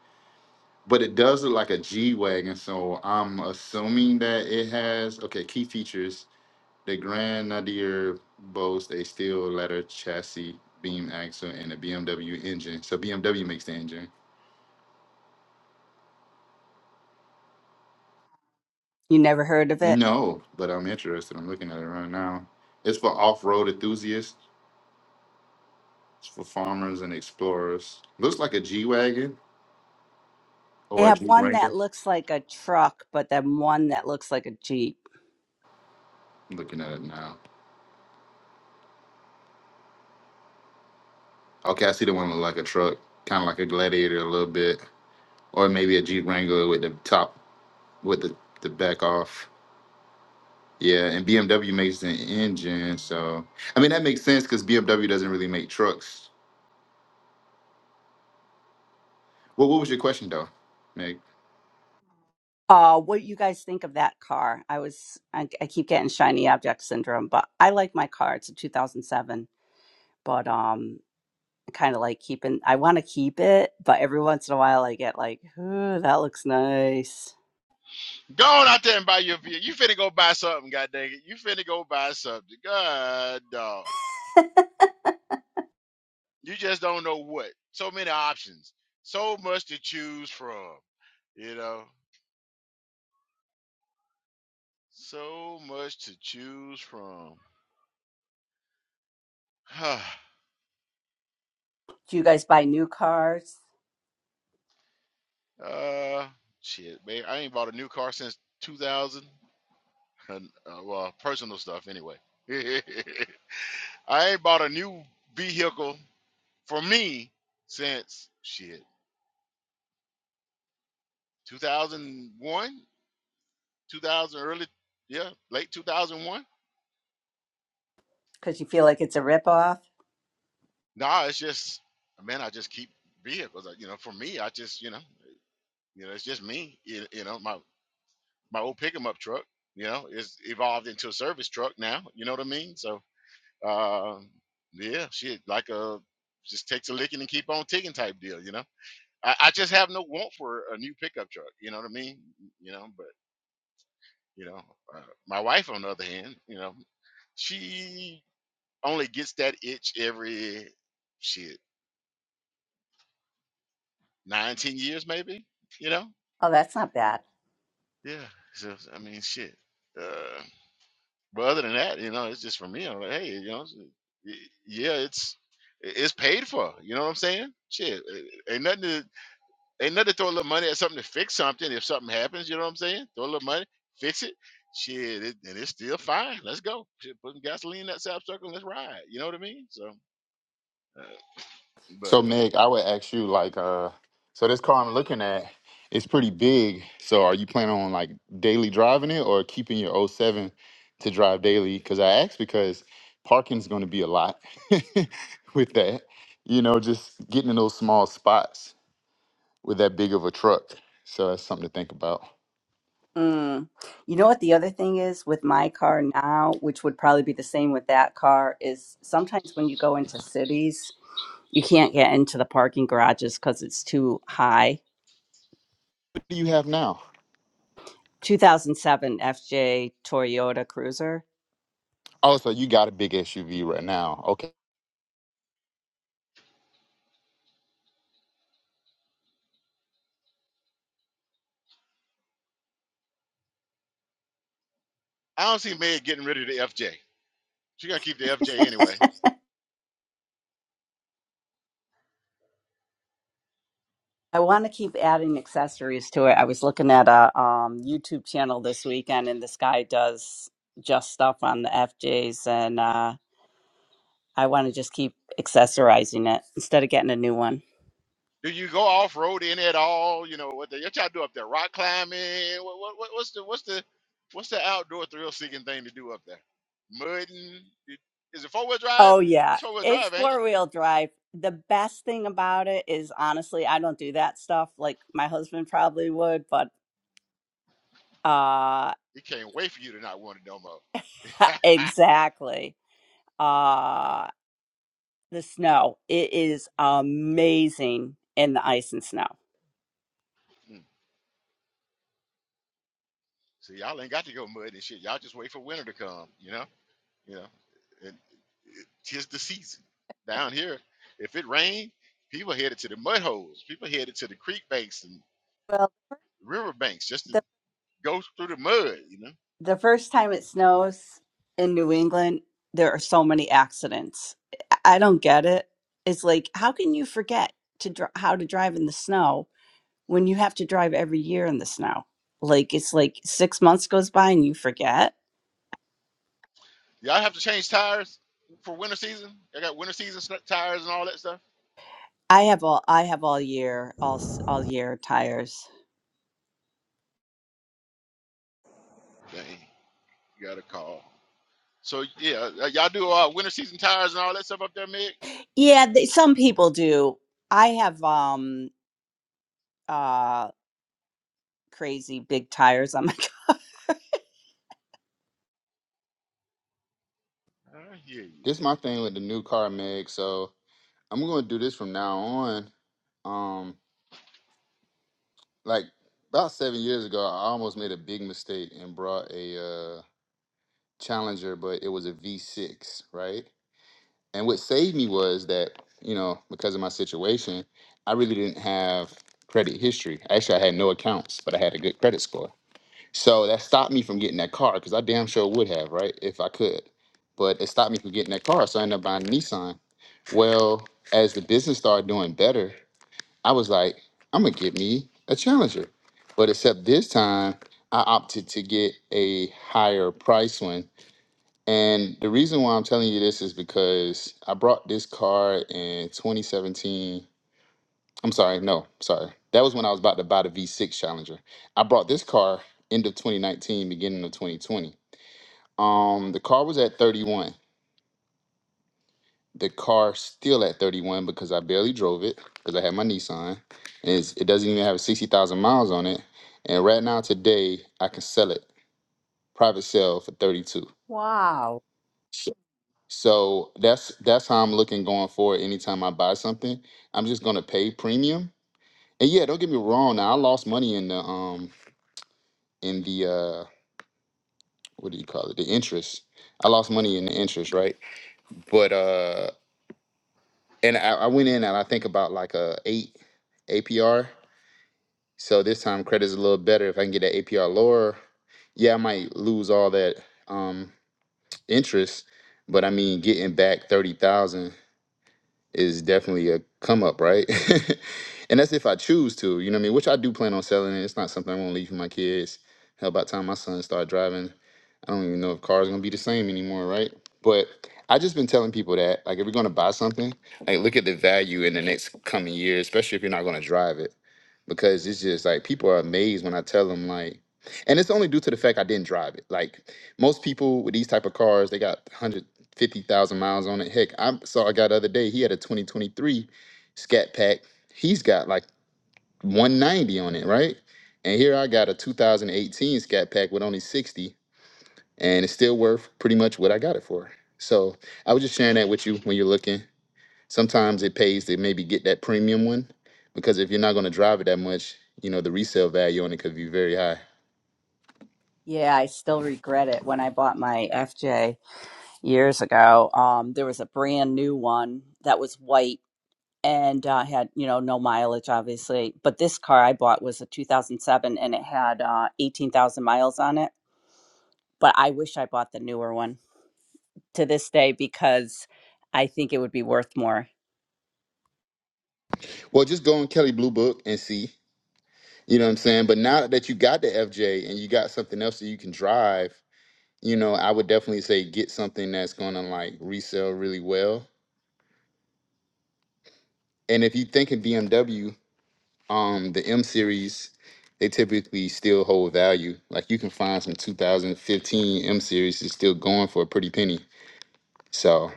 Speaker 5: But it does look like a G Wagon, so I'm assuming that it has, okay, key features. The Grand Nadir boasts a steel leather chassis, beam axle, and a BMW engine. So BMW makes the engine.
Speaker 6: You never heard of it?
Speaker 5: No, but I'm interested. I'm looking at it right now. It's for off-road enthusiasts. It's for farmers and explorers. Looks like a G wagon
Speaker 6: They
Speaker 5: or a
Speaker 6: have
Speaker 5: Jeep
Speaker 6: one that
Speaker 5: Wrangler.
Speaker 6: looks like a truck, but then one that looks like a Jeep.
Speaker 5: I'm looking at it now. Okay, I see the one look like a truck, kind of like a Gladiator a little bit, or maybe a Jeep Wrangler with the top with the the back off. Yeah, and BMW makes an engine, so I mean that makes sense because BMW doesn't really make trucks. Well, what was your question though, Meg?
Speaker 6: Uh, what you guys think of that car? I was I, I keep getting shiny object syndrome, but I like my car. It's a 2007, but um kind of like keeping I want to keep it, but every once in a while I get like, "Ooh, that looks nice."
Speaker 1: Go on out there and buy your vehicle. You finna go buy something. God dang it. You finna go buy something. God dog. You just don't know what. So many options. So much to choose from. You know, so much to choose from. (sighs)
Speaker 6: Do you guys buy new cars?
Speaker 1: uh, shit, babe. I ain't bought a new car since 2000. And, uh, well, personal stuff anyway. (laughs) I ain't bought a new vehicle for me since shit 2001, 2000 early, yeah, late 2001.
Speaker 6: Because you feel like it's a ripoff?
Speaker 1: Nah, it's just man, I just keep vehicles. Like, You know, for me, I just you know, you know, it's just me. You, you know, my my old pick 'em up truck, you know, is evolved into a service truck now. You know what I mean? So, uh, yeah, shit, like a just takes a licking and keep on ticking type deal. You know, I, I just have no want for a new pickup truck. You know what I mean? You know, but you know, uh, my wife on the other hand, you know, she only gets that itch every shit nine ten years maybe. You know.
Speaker 6: Oh, that's not bad.
Speaker 1: Yeah. So I mean, shit. Uh, but other than that, you know, it's just for me. I'm like, hey, you know, s- y- yeah, it's it's paid for. You know what I'm saying? Shit, a- ain't nothing. To, ain't nothing to throw a little money at something to fix something. If something happens, you know what I'm saying? Throw a little money, fix it. Shit, it, and it's still fine. Let's go. Shit, put some gasoline in that sap circle. and Let's ride. You know what I mean? So, uh, but
Speaker 5: So Meg, I would ask you like, uh, so this car I'm looking at, it's pretty big. So are you planning on like daily driving it or keeping your oh 07 to drive daily? Because I asked because parking's going to be a lot (laughs) with that. You know, just getting in those small spots with that big of a truck. So that's something to think about.
Speaker 6: Mm. You know what the other thing is with my car now, which would probably be the same with that car, is sometimes when you go into cities, you can't get into the parking garages because it's too high.
Speaker 5: What do you have now?
Speaker 6: 2007 FJ Toyota Cruiser.
Speaker 5: Oh, so you got a big SUV right now. Okay.
Speaker 1: I don't see Meg getting rid of the FJ. She gotta keep the FJ anyway.
Speaker 6: I want to keep adding accessories to it. I was looking at a um, YouTube channel this weekend, and this guy does just stuff on the FJs, and uh, I want to just keep accessorizing it instead of getting a new one.
Speaker 1: Do you go off road in at all? You know what, the, what y'all do up there? Rock climbing? What, what, what what's the what's the what's the outdoor thrill seeking thing to do up there? Mudding? It- Is it four wheel drive?
Speaker 6: Oh yeah,
Speaker 1: It's four wheel
Speaker 6: it's
Speaker 1: drive, ain't it?
Speaker 6: four wheel drive. The best thing about it is honestly, I don't do that stuff like my husband probably would, but uh
Speaker 1: It can't wait for you to not want it no more. (laughs)
Speaker 6: (laughs) exactly. Uh the snow. It is amazing in the ice and snow.
Speaker 1: Mm. See, y'all ain't got to go mudding and shit. Y'all just wait for winter to come. You know, you know, and it- tis the season. Down here, if it rain, people headed to the mud holes. People headed to the creek banks and
Speaker 6: Well,
Speaker 1: river banks just to
Speaker 6: the
Speaker 1: go through the mud. You know
Speaker 6: the first time it snows in New England, there are so many accidents. I I don't get it. It's like how can you forget to dr- how to drive in the snow when you have to drive every year in the snow. Like it's like 6 months goes by and you forget.
Speaker 1: Y'all have to change tires for winter season. I got winter season sn- tires and all that stuff.
Speaker 6: I have all I have all year all s- all year tires.
Speaker 1: Dang, you got a call. So yeah, uh, y'all do uh, winter season tires and all that stuff up there, Mick.
Speaker 6: Yeah, they, some people do. I have um uh crazy big tires on my
Speaker 1: I hear you.
Speaker 5: This is my thing with the new car, Meg. So I'm going to do this from now on. Um, like about seven years ago, I almost made a big mistake and brought a uh, Challenger, but it was a V6, right? And what saved me was that you know because of my situation, I really didn't have credit history. Actually, I had no accounts, but I had a good credit score, so that stopped me from getting that car because I damn sure would have, right, if I could. But it stopped me from getting that car, so I ended up buying a Nissan. Well, as the business started doing better, I was like, I'm gonna get me a challenger. But except this time, I opted to get a higher price one. And the reason why I'm telling you this is because I brought this car in 2017. I'm sorry, no, sorry. That was when I was about to buy the V6 Challenger. I brought this car end of 2019, beginning of 2020. Um, the car was at 31. the car still at 31 because I barely drove it because I had my Nissan. And it's, it doesn't even have 60,000 miles on it. And right now, today, I can sell it private sale for 32.
Speaker 6: (laughs) Wow.
Speaker 5: So so that's that's how I'm looking going forward. Anytime I buy something, I'm just gonna pay premium. And yeah, don't get me wrong. Now I lost money in the um in the uh what do you call it? The interest. I lost money in the interest, right? But uh, and I, I went in and I think about like a eight APR So this time credit is a little better. If I can get that APR lower, yeah, I might lose all that um, interest, but I mean getting back thirty thousand is definitely a come up, right? (laughs) and that's if I choose to, you know what I mean? Which I do plan on selling it. It's not something I want to leave for my kids. Hell, by the time my son start driving, I don't even know if cars gonna be the same anymore, right? But I just been telling people that, like, if you're gonna buy something, like, look at the value in the next coming year, especially if you're not gonna drive it, because it's just like people are amazed when I tell them like, and it's only due to the fact I didn't drive it. Like most people with these type of cars, they got one hundred fifty thousand miles on it. Heck, I saw a guy the other day. He had a twenty twenty three Scat Pack. He's got like one ninety on it, right? And here I got a two thousand eighteen Scat Pack with only sixty, and it's still worth pretty much what I got it for. So I was just sharing that with you when you're looking. Sometimes it pays to maybe get that premium one because if you're not going to drive it that much, you know the resale value on it could be very high.
Speaker 6: Yeah, I still regret it. When I bought my FJ years ago, um, there was a brand new one that was white and uh, had you know no mileage obviously but this car i bought was a 2007 and it had uh, 18000 miles on it but i wish i bought the newer one to this day because i think it would be worth more
Speaker 5: Well, just go on Kelly Blue Book and see. You know what I'm saying? But now that you got the FJ and you got something else that you can drive, you know, I would definitely say get something that's gonna like resell really well. And if you think in BMW, um, the M series, they typically still hold value. Like you can find some 2015 M series is still going for a pretty penny. So,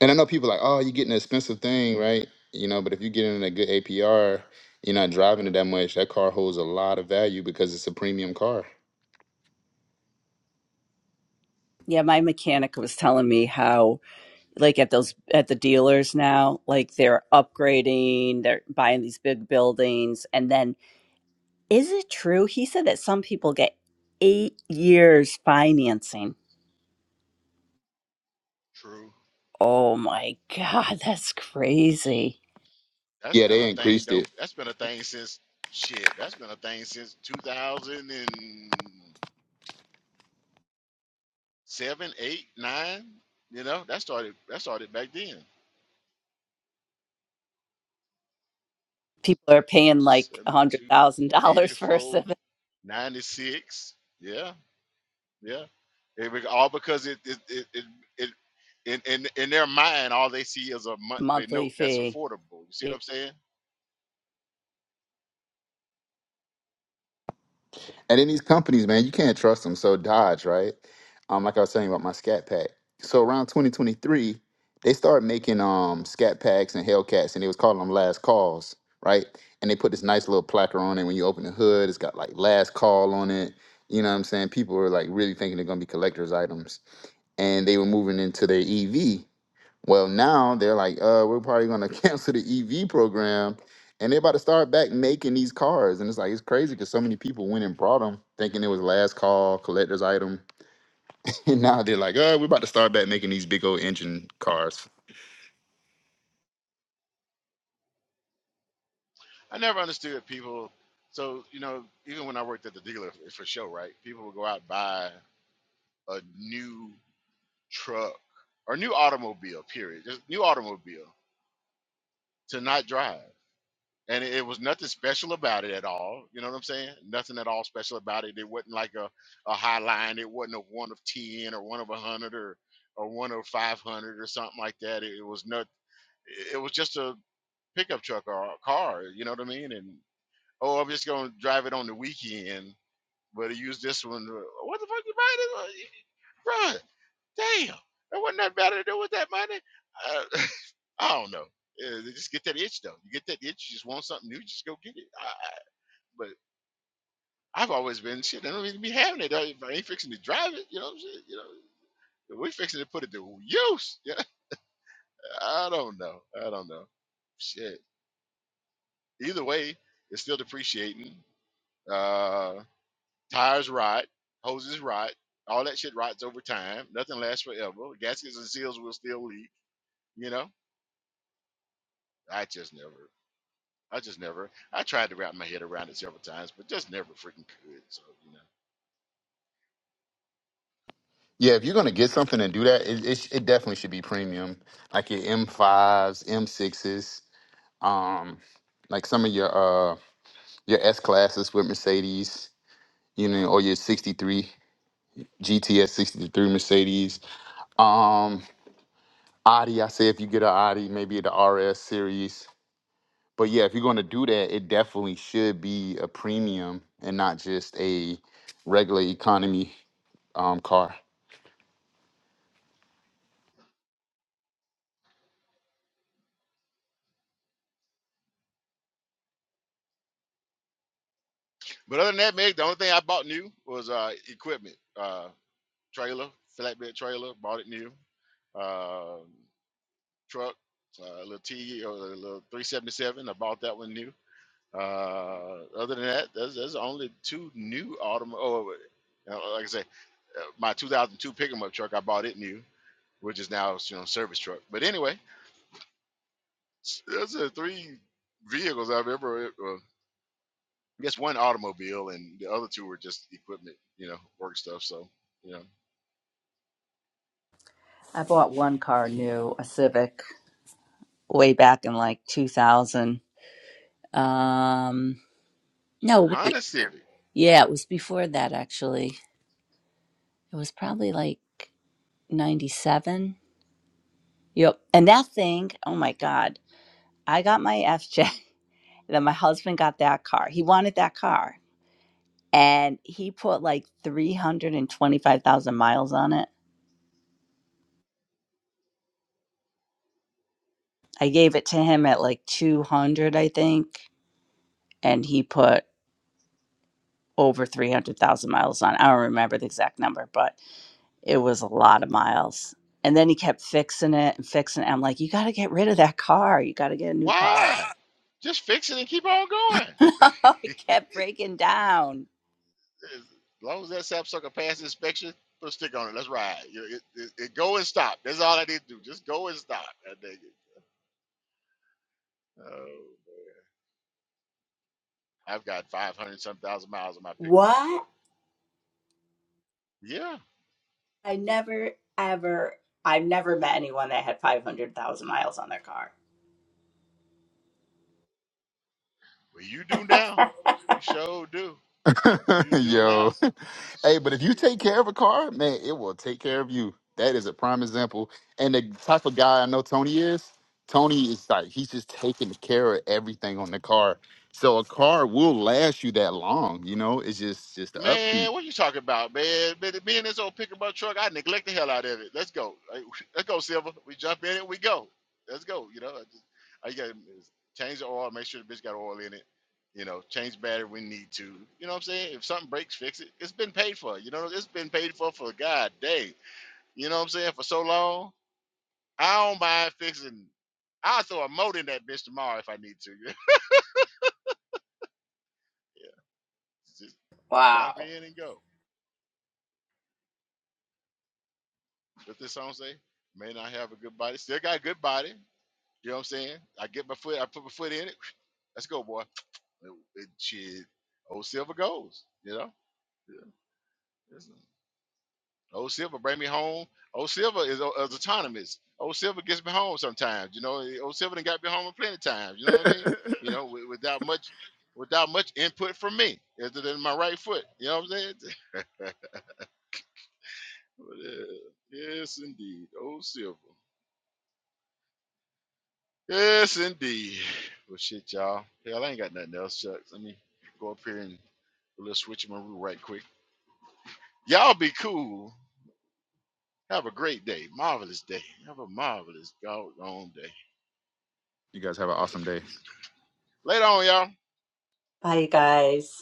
Speaker 5: and I know people like, oh, you're getting an expensive thing, right? You know, but if you're getting a good APR, you're not driving it that much. That car holds a lot of value because it's a premium car.
Speaker 6: yeah my mechanic was telling me how like at those at the dealers now like they're upgrading they're buying these big buildings and then is it true he said that some people get eight years financing
Speaker 1: True.
Speaker 6: oh my god (laughs) that's crazy
Speaker 1: That's
Speaker 5: Yeah,
Speaker 1: been a
Speaker 5: they
Speaker 1: thing
Speaker 5: increased
Speaker 1: though.
Speaker 5: it.
Speaker 1: That's been a thing since shit. That's been a thing since two thousand and seven, eight, nine. You know, that started that started back then.
Speaker 6: people are paying like a hundred
Speaker 1: 72,
Speaker 6: thousand dollars for a
Speaker 1: 84,
Speaker 6: civic
Speaker 1: 96. Yeah. Yeah, it, was all because it it it, it, it in, in in their mind, all they see is a
Speaker 6: (laughs)
Speaker 1: monthly
Speaker 6: monthly
Speaker 1: note that's
Speaker 6: fee.
Speaker 1: affordable. You see
Speaker 6: Yeah.
Speaker 1: what I'm saying?
Speaker 5: And then these companies, man, you can't trust them. So Dodge, right? Um, like I was saying about my Scat Pack. So around 2023, they started making um Scat Packs and Hellcats, and they was calling them Last Calls, right? And they put this nice little placard on it. When you open the hood, it's got like Last Call on it. You know what I'm saying? People were like really thinking they're gonna be collector's items, and they were moving into their EV. Well, now they're like, uh, we're probably gonna (laughs) cancel the EV program, and they're about to start back making these cars, and it's like it's crazy because so many people went and brought them, thinking it was last call collector's item, (laughs) and now they're like, uh, we're about to start back making these big old engine cars.
Speaker 1: I never understood people. So you know, even when I worked at the dealer f- for show, right? People would go out and buy a new truck or new automobile. Period. Just new automobile to not drive. and it, it was nothing special about it at all. You know what I'm saying? Nothing at all special about it. It wasn't like a, a high line. It wasn't a one of ten or one of a hundred or or one of five hundred or something like that. It, it was not. It was just a pickup truck or a car. You know what I mean? And oh, I'm just gonna drive it on the weekend, but I use this one. uh, What the fuck you buying this? Run, damn! there wasn't nothing better to do with that money. Uh, (laughs) I don't know. Uh, they just get that itch though. You get that itch, you just want something new, just go get it. But I've always been shit. I don't even be having it. I, if I ain't fixing to drive it, you know what I'm saying? You know, if we fixing to put it to use. (laughs) Yeah, I don't know. I don't know. Shit. Either way, it's still depreciating. Uh, tires rot, hoses rot, all that shit rots over time. Nothing lasts forever. Gaskets and seals will still leak. You know, I just never. I just never. I tried to wrap my head around it several times, but just never freaking could. So you know.
Speaker 5: Yeah, if you're gonna get something and do that, it it, sh- it definitely should be premium, like your M5s, M6s, um, like some of your uh your S classes with Mercedes, you know, or your '63 GTS '63 Mercedes. Um, Audi, I say if you get an Audi, maybe the RS series. But yeah, if you're going to do that, it definitely should be a premium and not just a regular economy um car.
Speaker 1: But other than that, Meg, the only thing I bought new was uh, equipment. Uh, trailer, flatbed trailer, bought it new. Uh, truck, uh, a little T or a little 377. I bought that one new. Uh, other than that, there's, there's only two new autom. Oh, uh, like I say, uh, my 2002 pickup truck, I bought it new, which is now you know service truck. But anyway, s- those are three vehicles I've ever. Uh, I guess one automobile, and the other two were just equipment, you know, work stuff. So you know,
Speaker 6: I bought one car new, a Civic, way back in like 2000. Um, no,
Speaker 1: Honda Civic.
Speaker 6: Yeah, it was before that actually. It was probably like 97. Yep. And that thing, oh my God, I got my FJ, (laughs) then my husband got that car. He wanted that car and he put like 325,000 miles on it. I gave it to him at like 200, I think, and he put over 300,000 miles on. it. I don't remember the exact number, but it was a lot of miles. And then he kept fixing it and fixing it. I'm like, you got to get rid of that car. You got to get a new car.
Speaker 1: Why? Just fix it and keep on going.
Speaker 6: (laughs) it kept breaking down.
Speaker 1: As long as that sapsucker passes inspection, put a stick on it. Let's ride. You know, It, it, it go and stop. That's all I need to do. Just go and stop. That nigga. Oh, I've got 500 some thousand miles on my pickup
Speaker 6: What?
Speaker 1: truck. Yeah,
Speaker 6: I never ever I've never met anyone that had 500,000 miles on their car.
Speaker 1: well, you do now.
Speaker 6: (laughs)
Speaker 1: You sure do.
Speaker 5: (laughs)
Speaker 1: You do
Speaker 5: Yo.
Speaker 1: now.
Speaker 5: Hey, but if you
Speaker 1: Shit.
Speaker 5: take care of a car, man, it will take care of you. That is a prime example. And the type of guy I know Tony is, Tony is like he's just taking care of everything on the car. So a car will last you that long, you know? It's just just the upkeep.
Speaker 1: Man, what you talking about, man? man me and this old pickup truck, I neglect the hell out of it. Let's go. Like, (laughs) Let's go, Silver. We jump in it, we go. Let's go. You know, I just all gotta change the oil, make sure the bitch got oil in it. You know, change battery when need to. You know what I'm saying? If something breaks, fix it. It's been paid for. You know, it's been paid for for God dang. You know what I'm saying? For so long, I don't mind fixing. I'll throw a motor in that bitch tomorrow if I need to. (laughs) yeah, just jump
Speaker 6: Wow.
Speaker 1: in and go. What this song say? May not have a good body, still got a good body. You know what I'm saying? I get my foot, I put my foot in it. (sniffs) (tsk) Let's go, boy. It, it- shit, old silver goes. You know, yeah. it's- old silver bring me home. Old silver is, au- is autonomous. Old silver gets me home sometimes. You know, old silver done got me home plenty of times. You know what I mean? You know, wi- without much, without much input from me, other than my right foot. You know what I'm saying? (laughs) But, uh, yes, indeed, old silver. Yes, indeed. Well, shit, y'all. Hell, I ain't got nothing else, Chuck. Let me go up here and do a little switch my route right quick. Y'all be cool. Have a great day. Marvelous day. Have a marvelous doggone day.
Speaker 5: You guys
Speaker 1: I
Speaker 5: have an
Speaker 1: got it.
Speaker 5: awesome day.
Speaker 1: Later on, y'all.
Speaker 6: Bye you guys.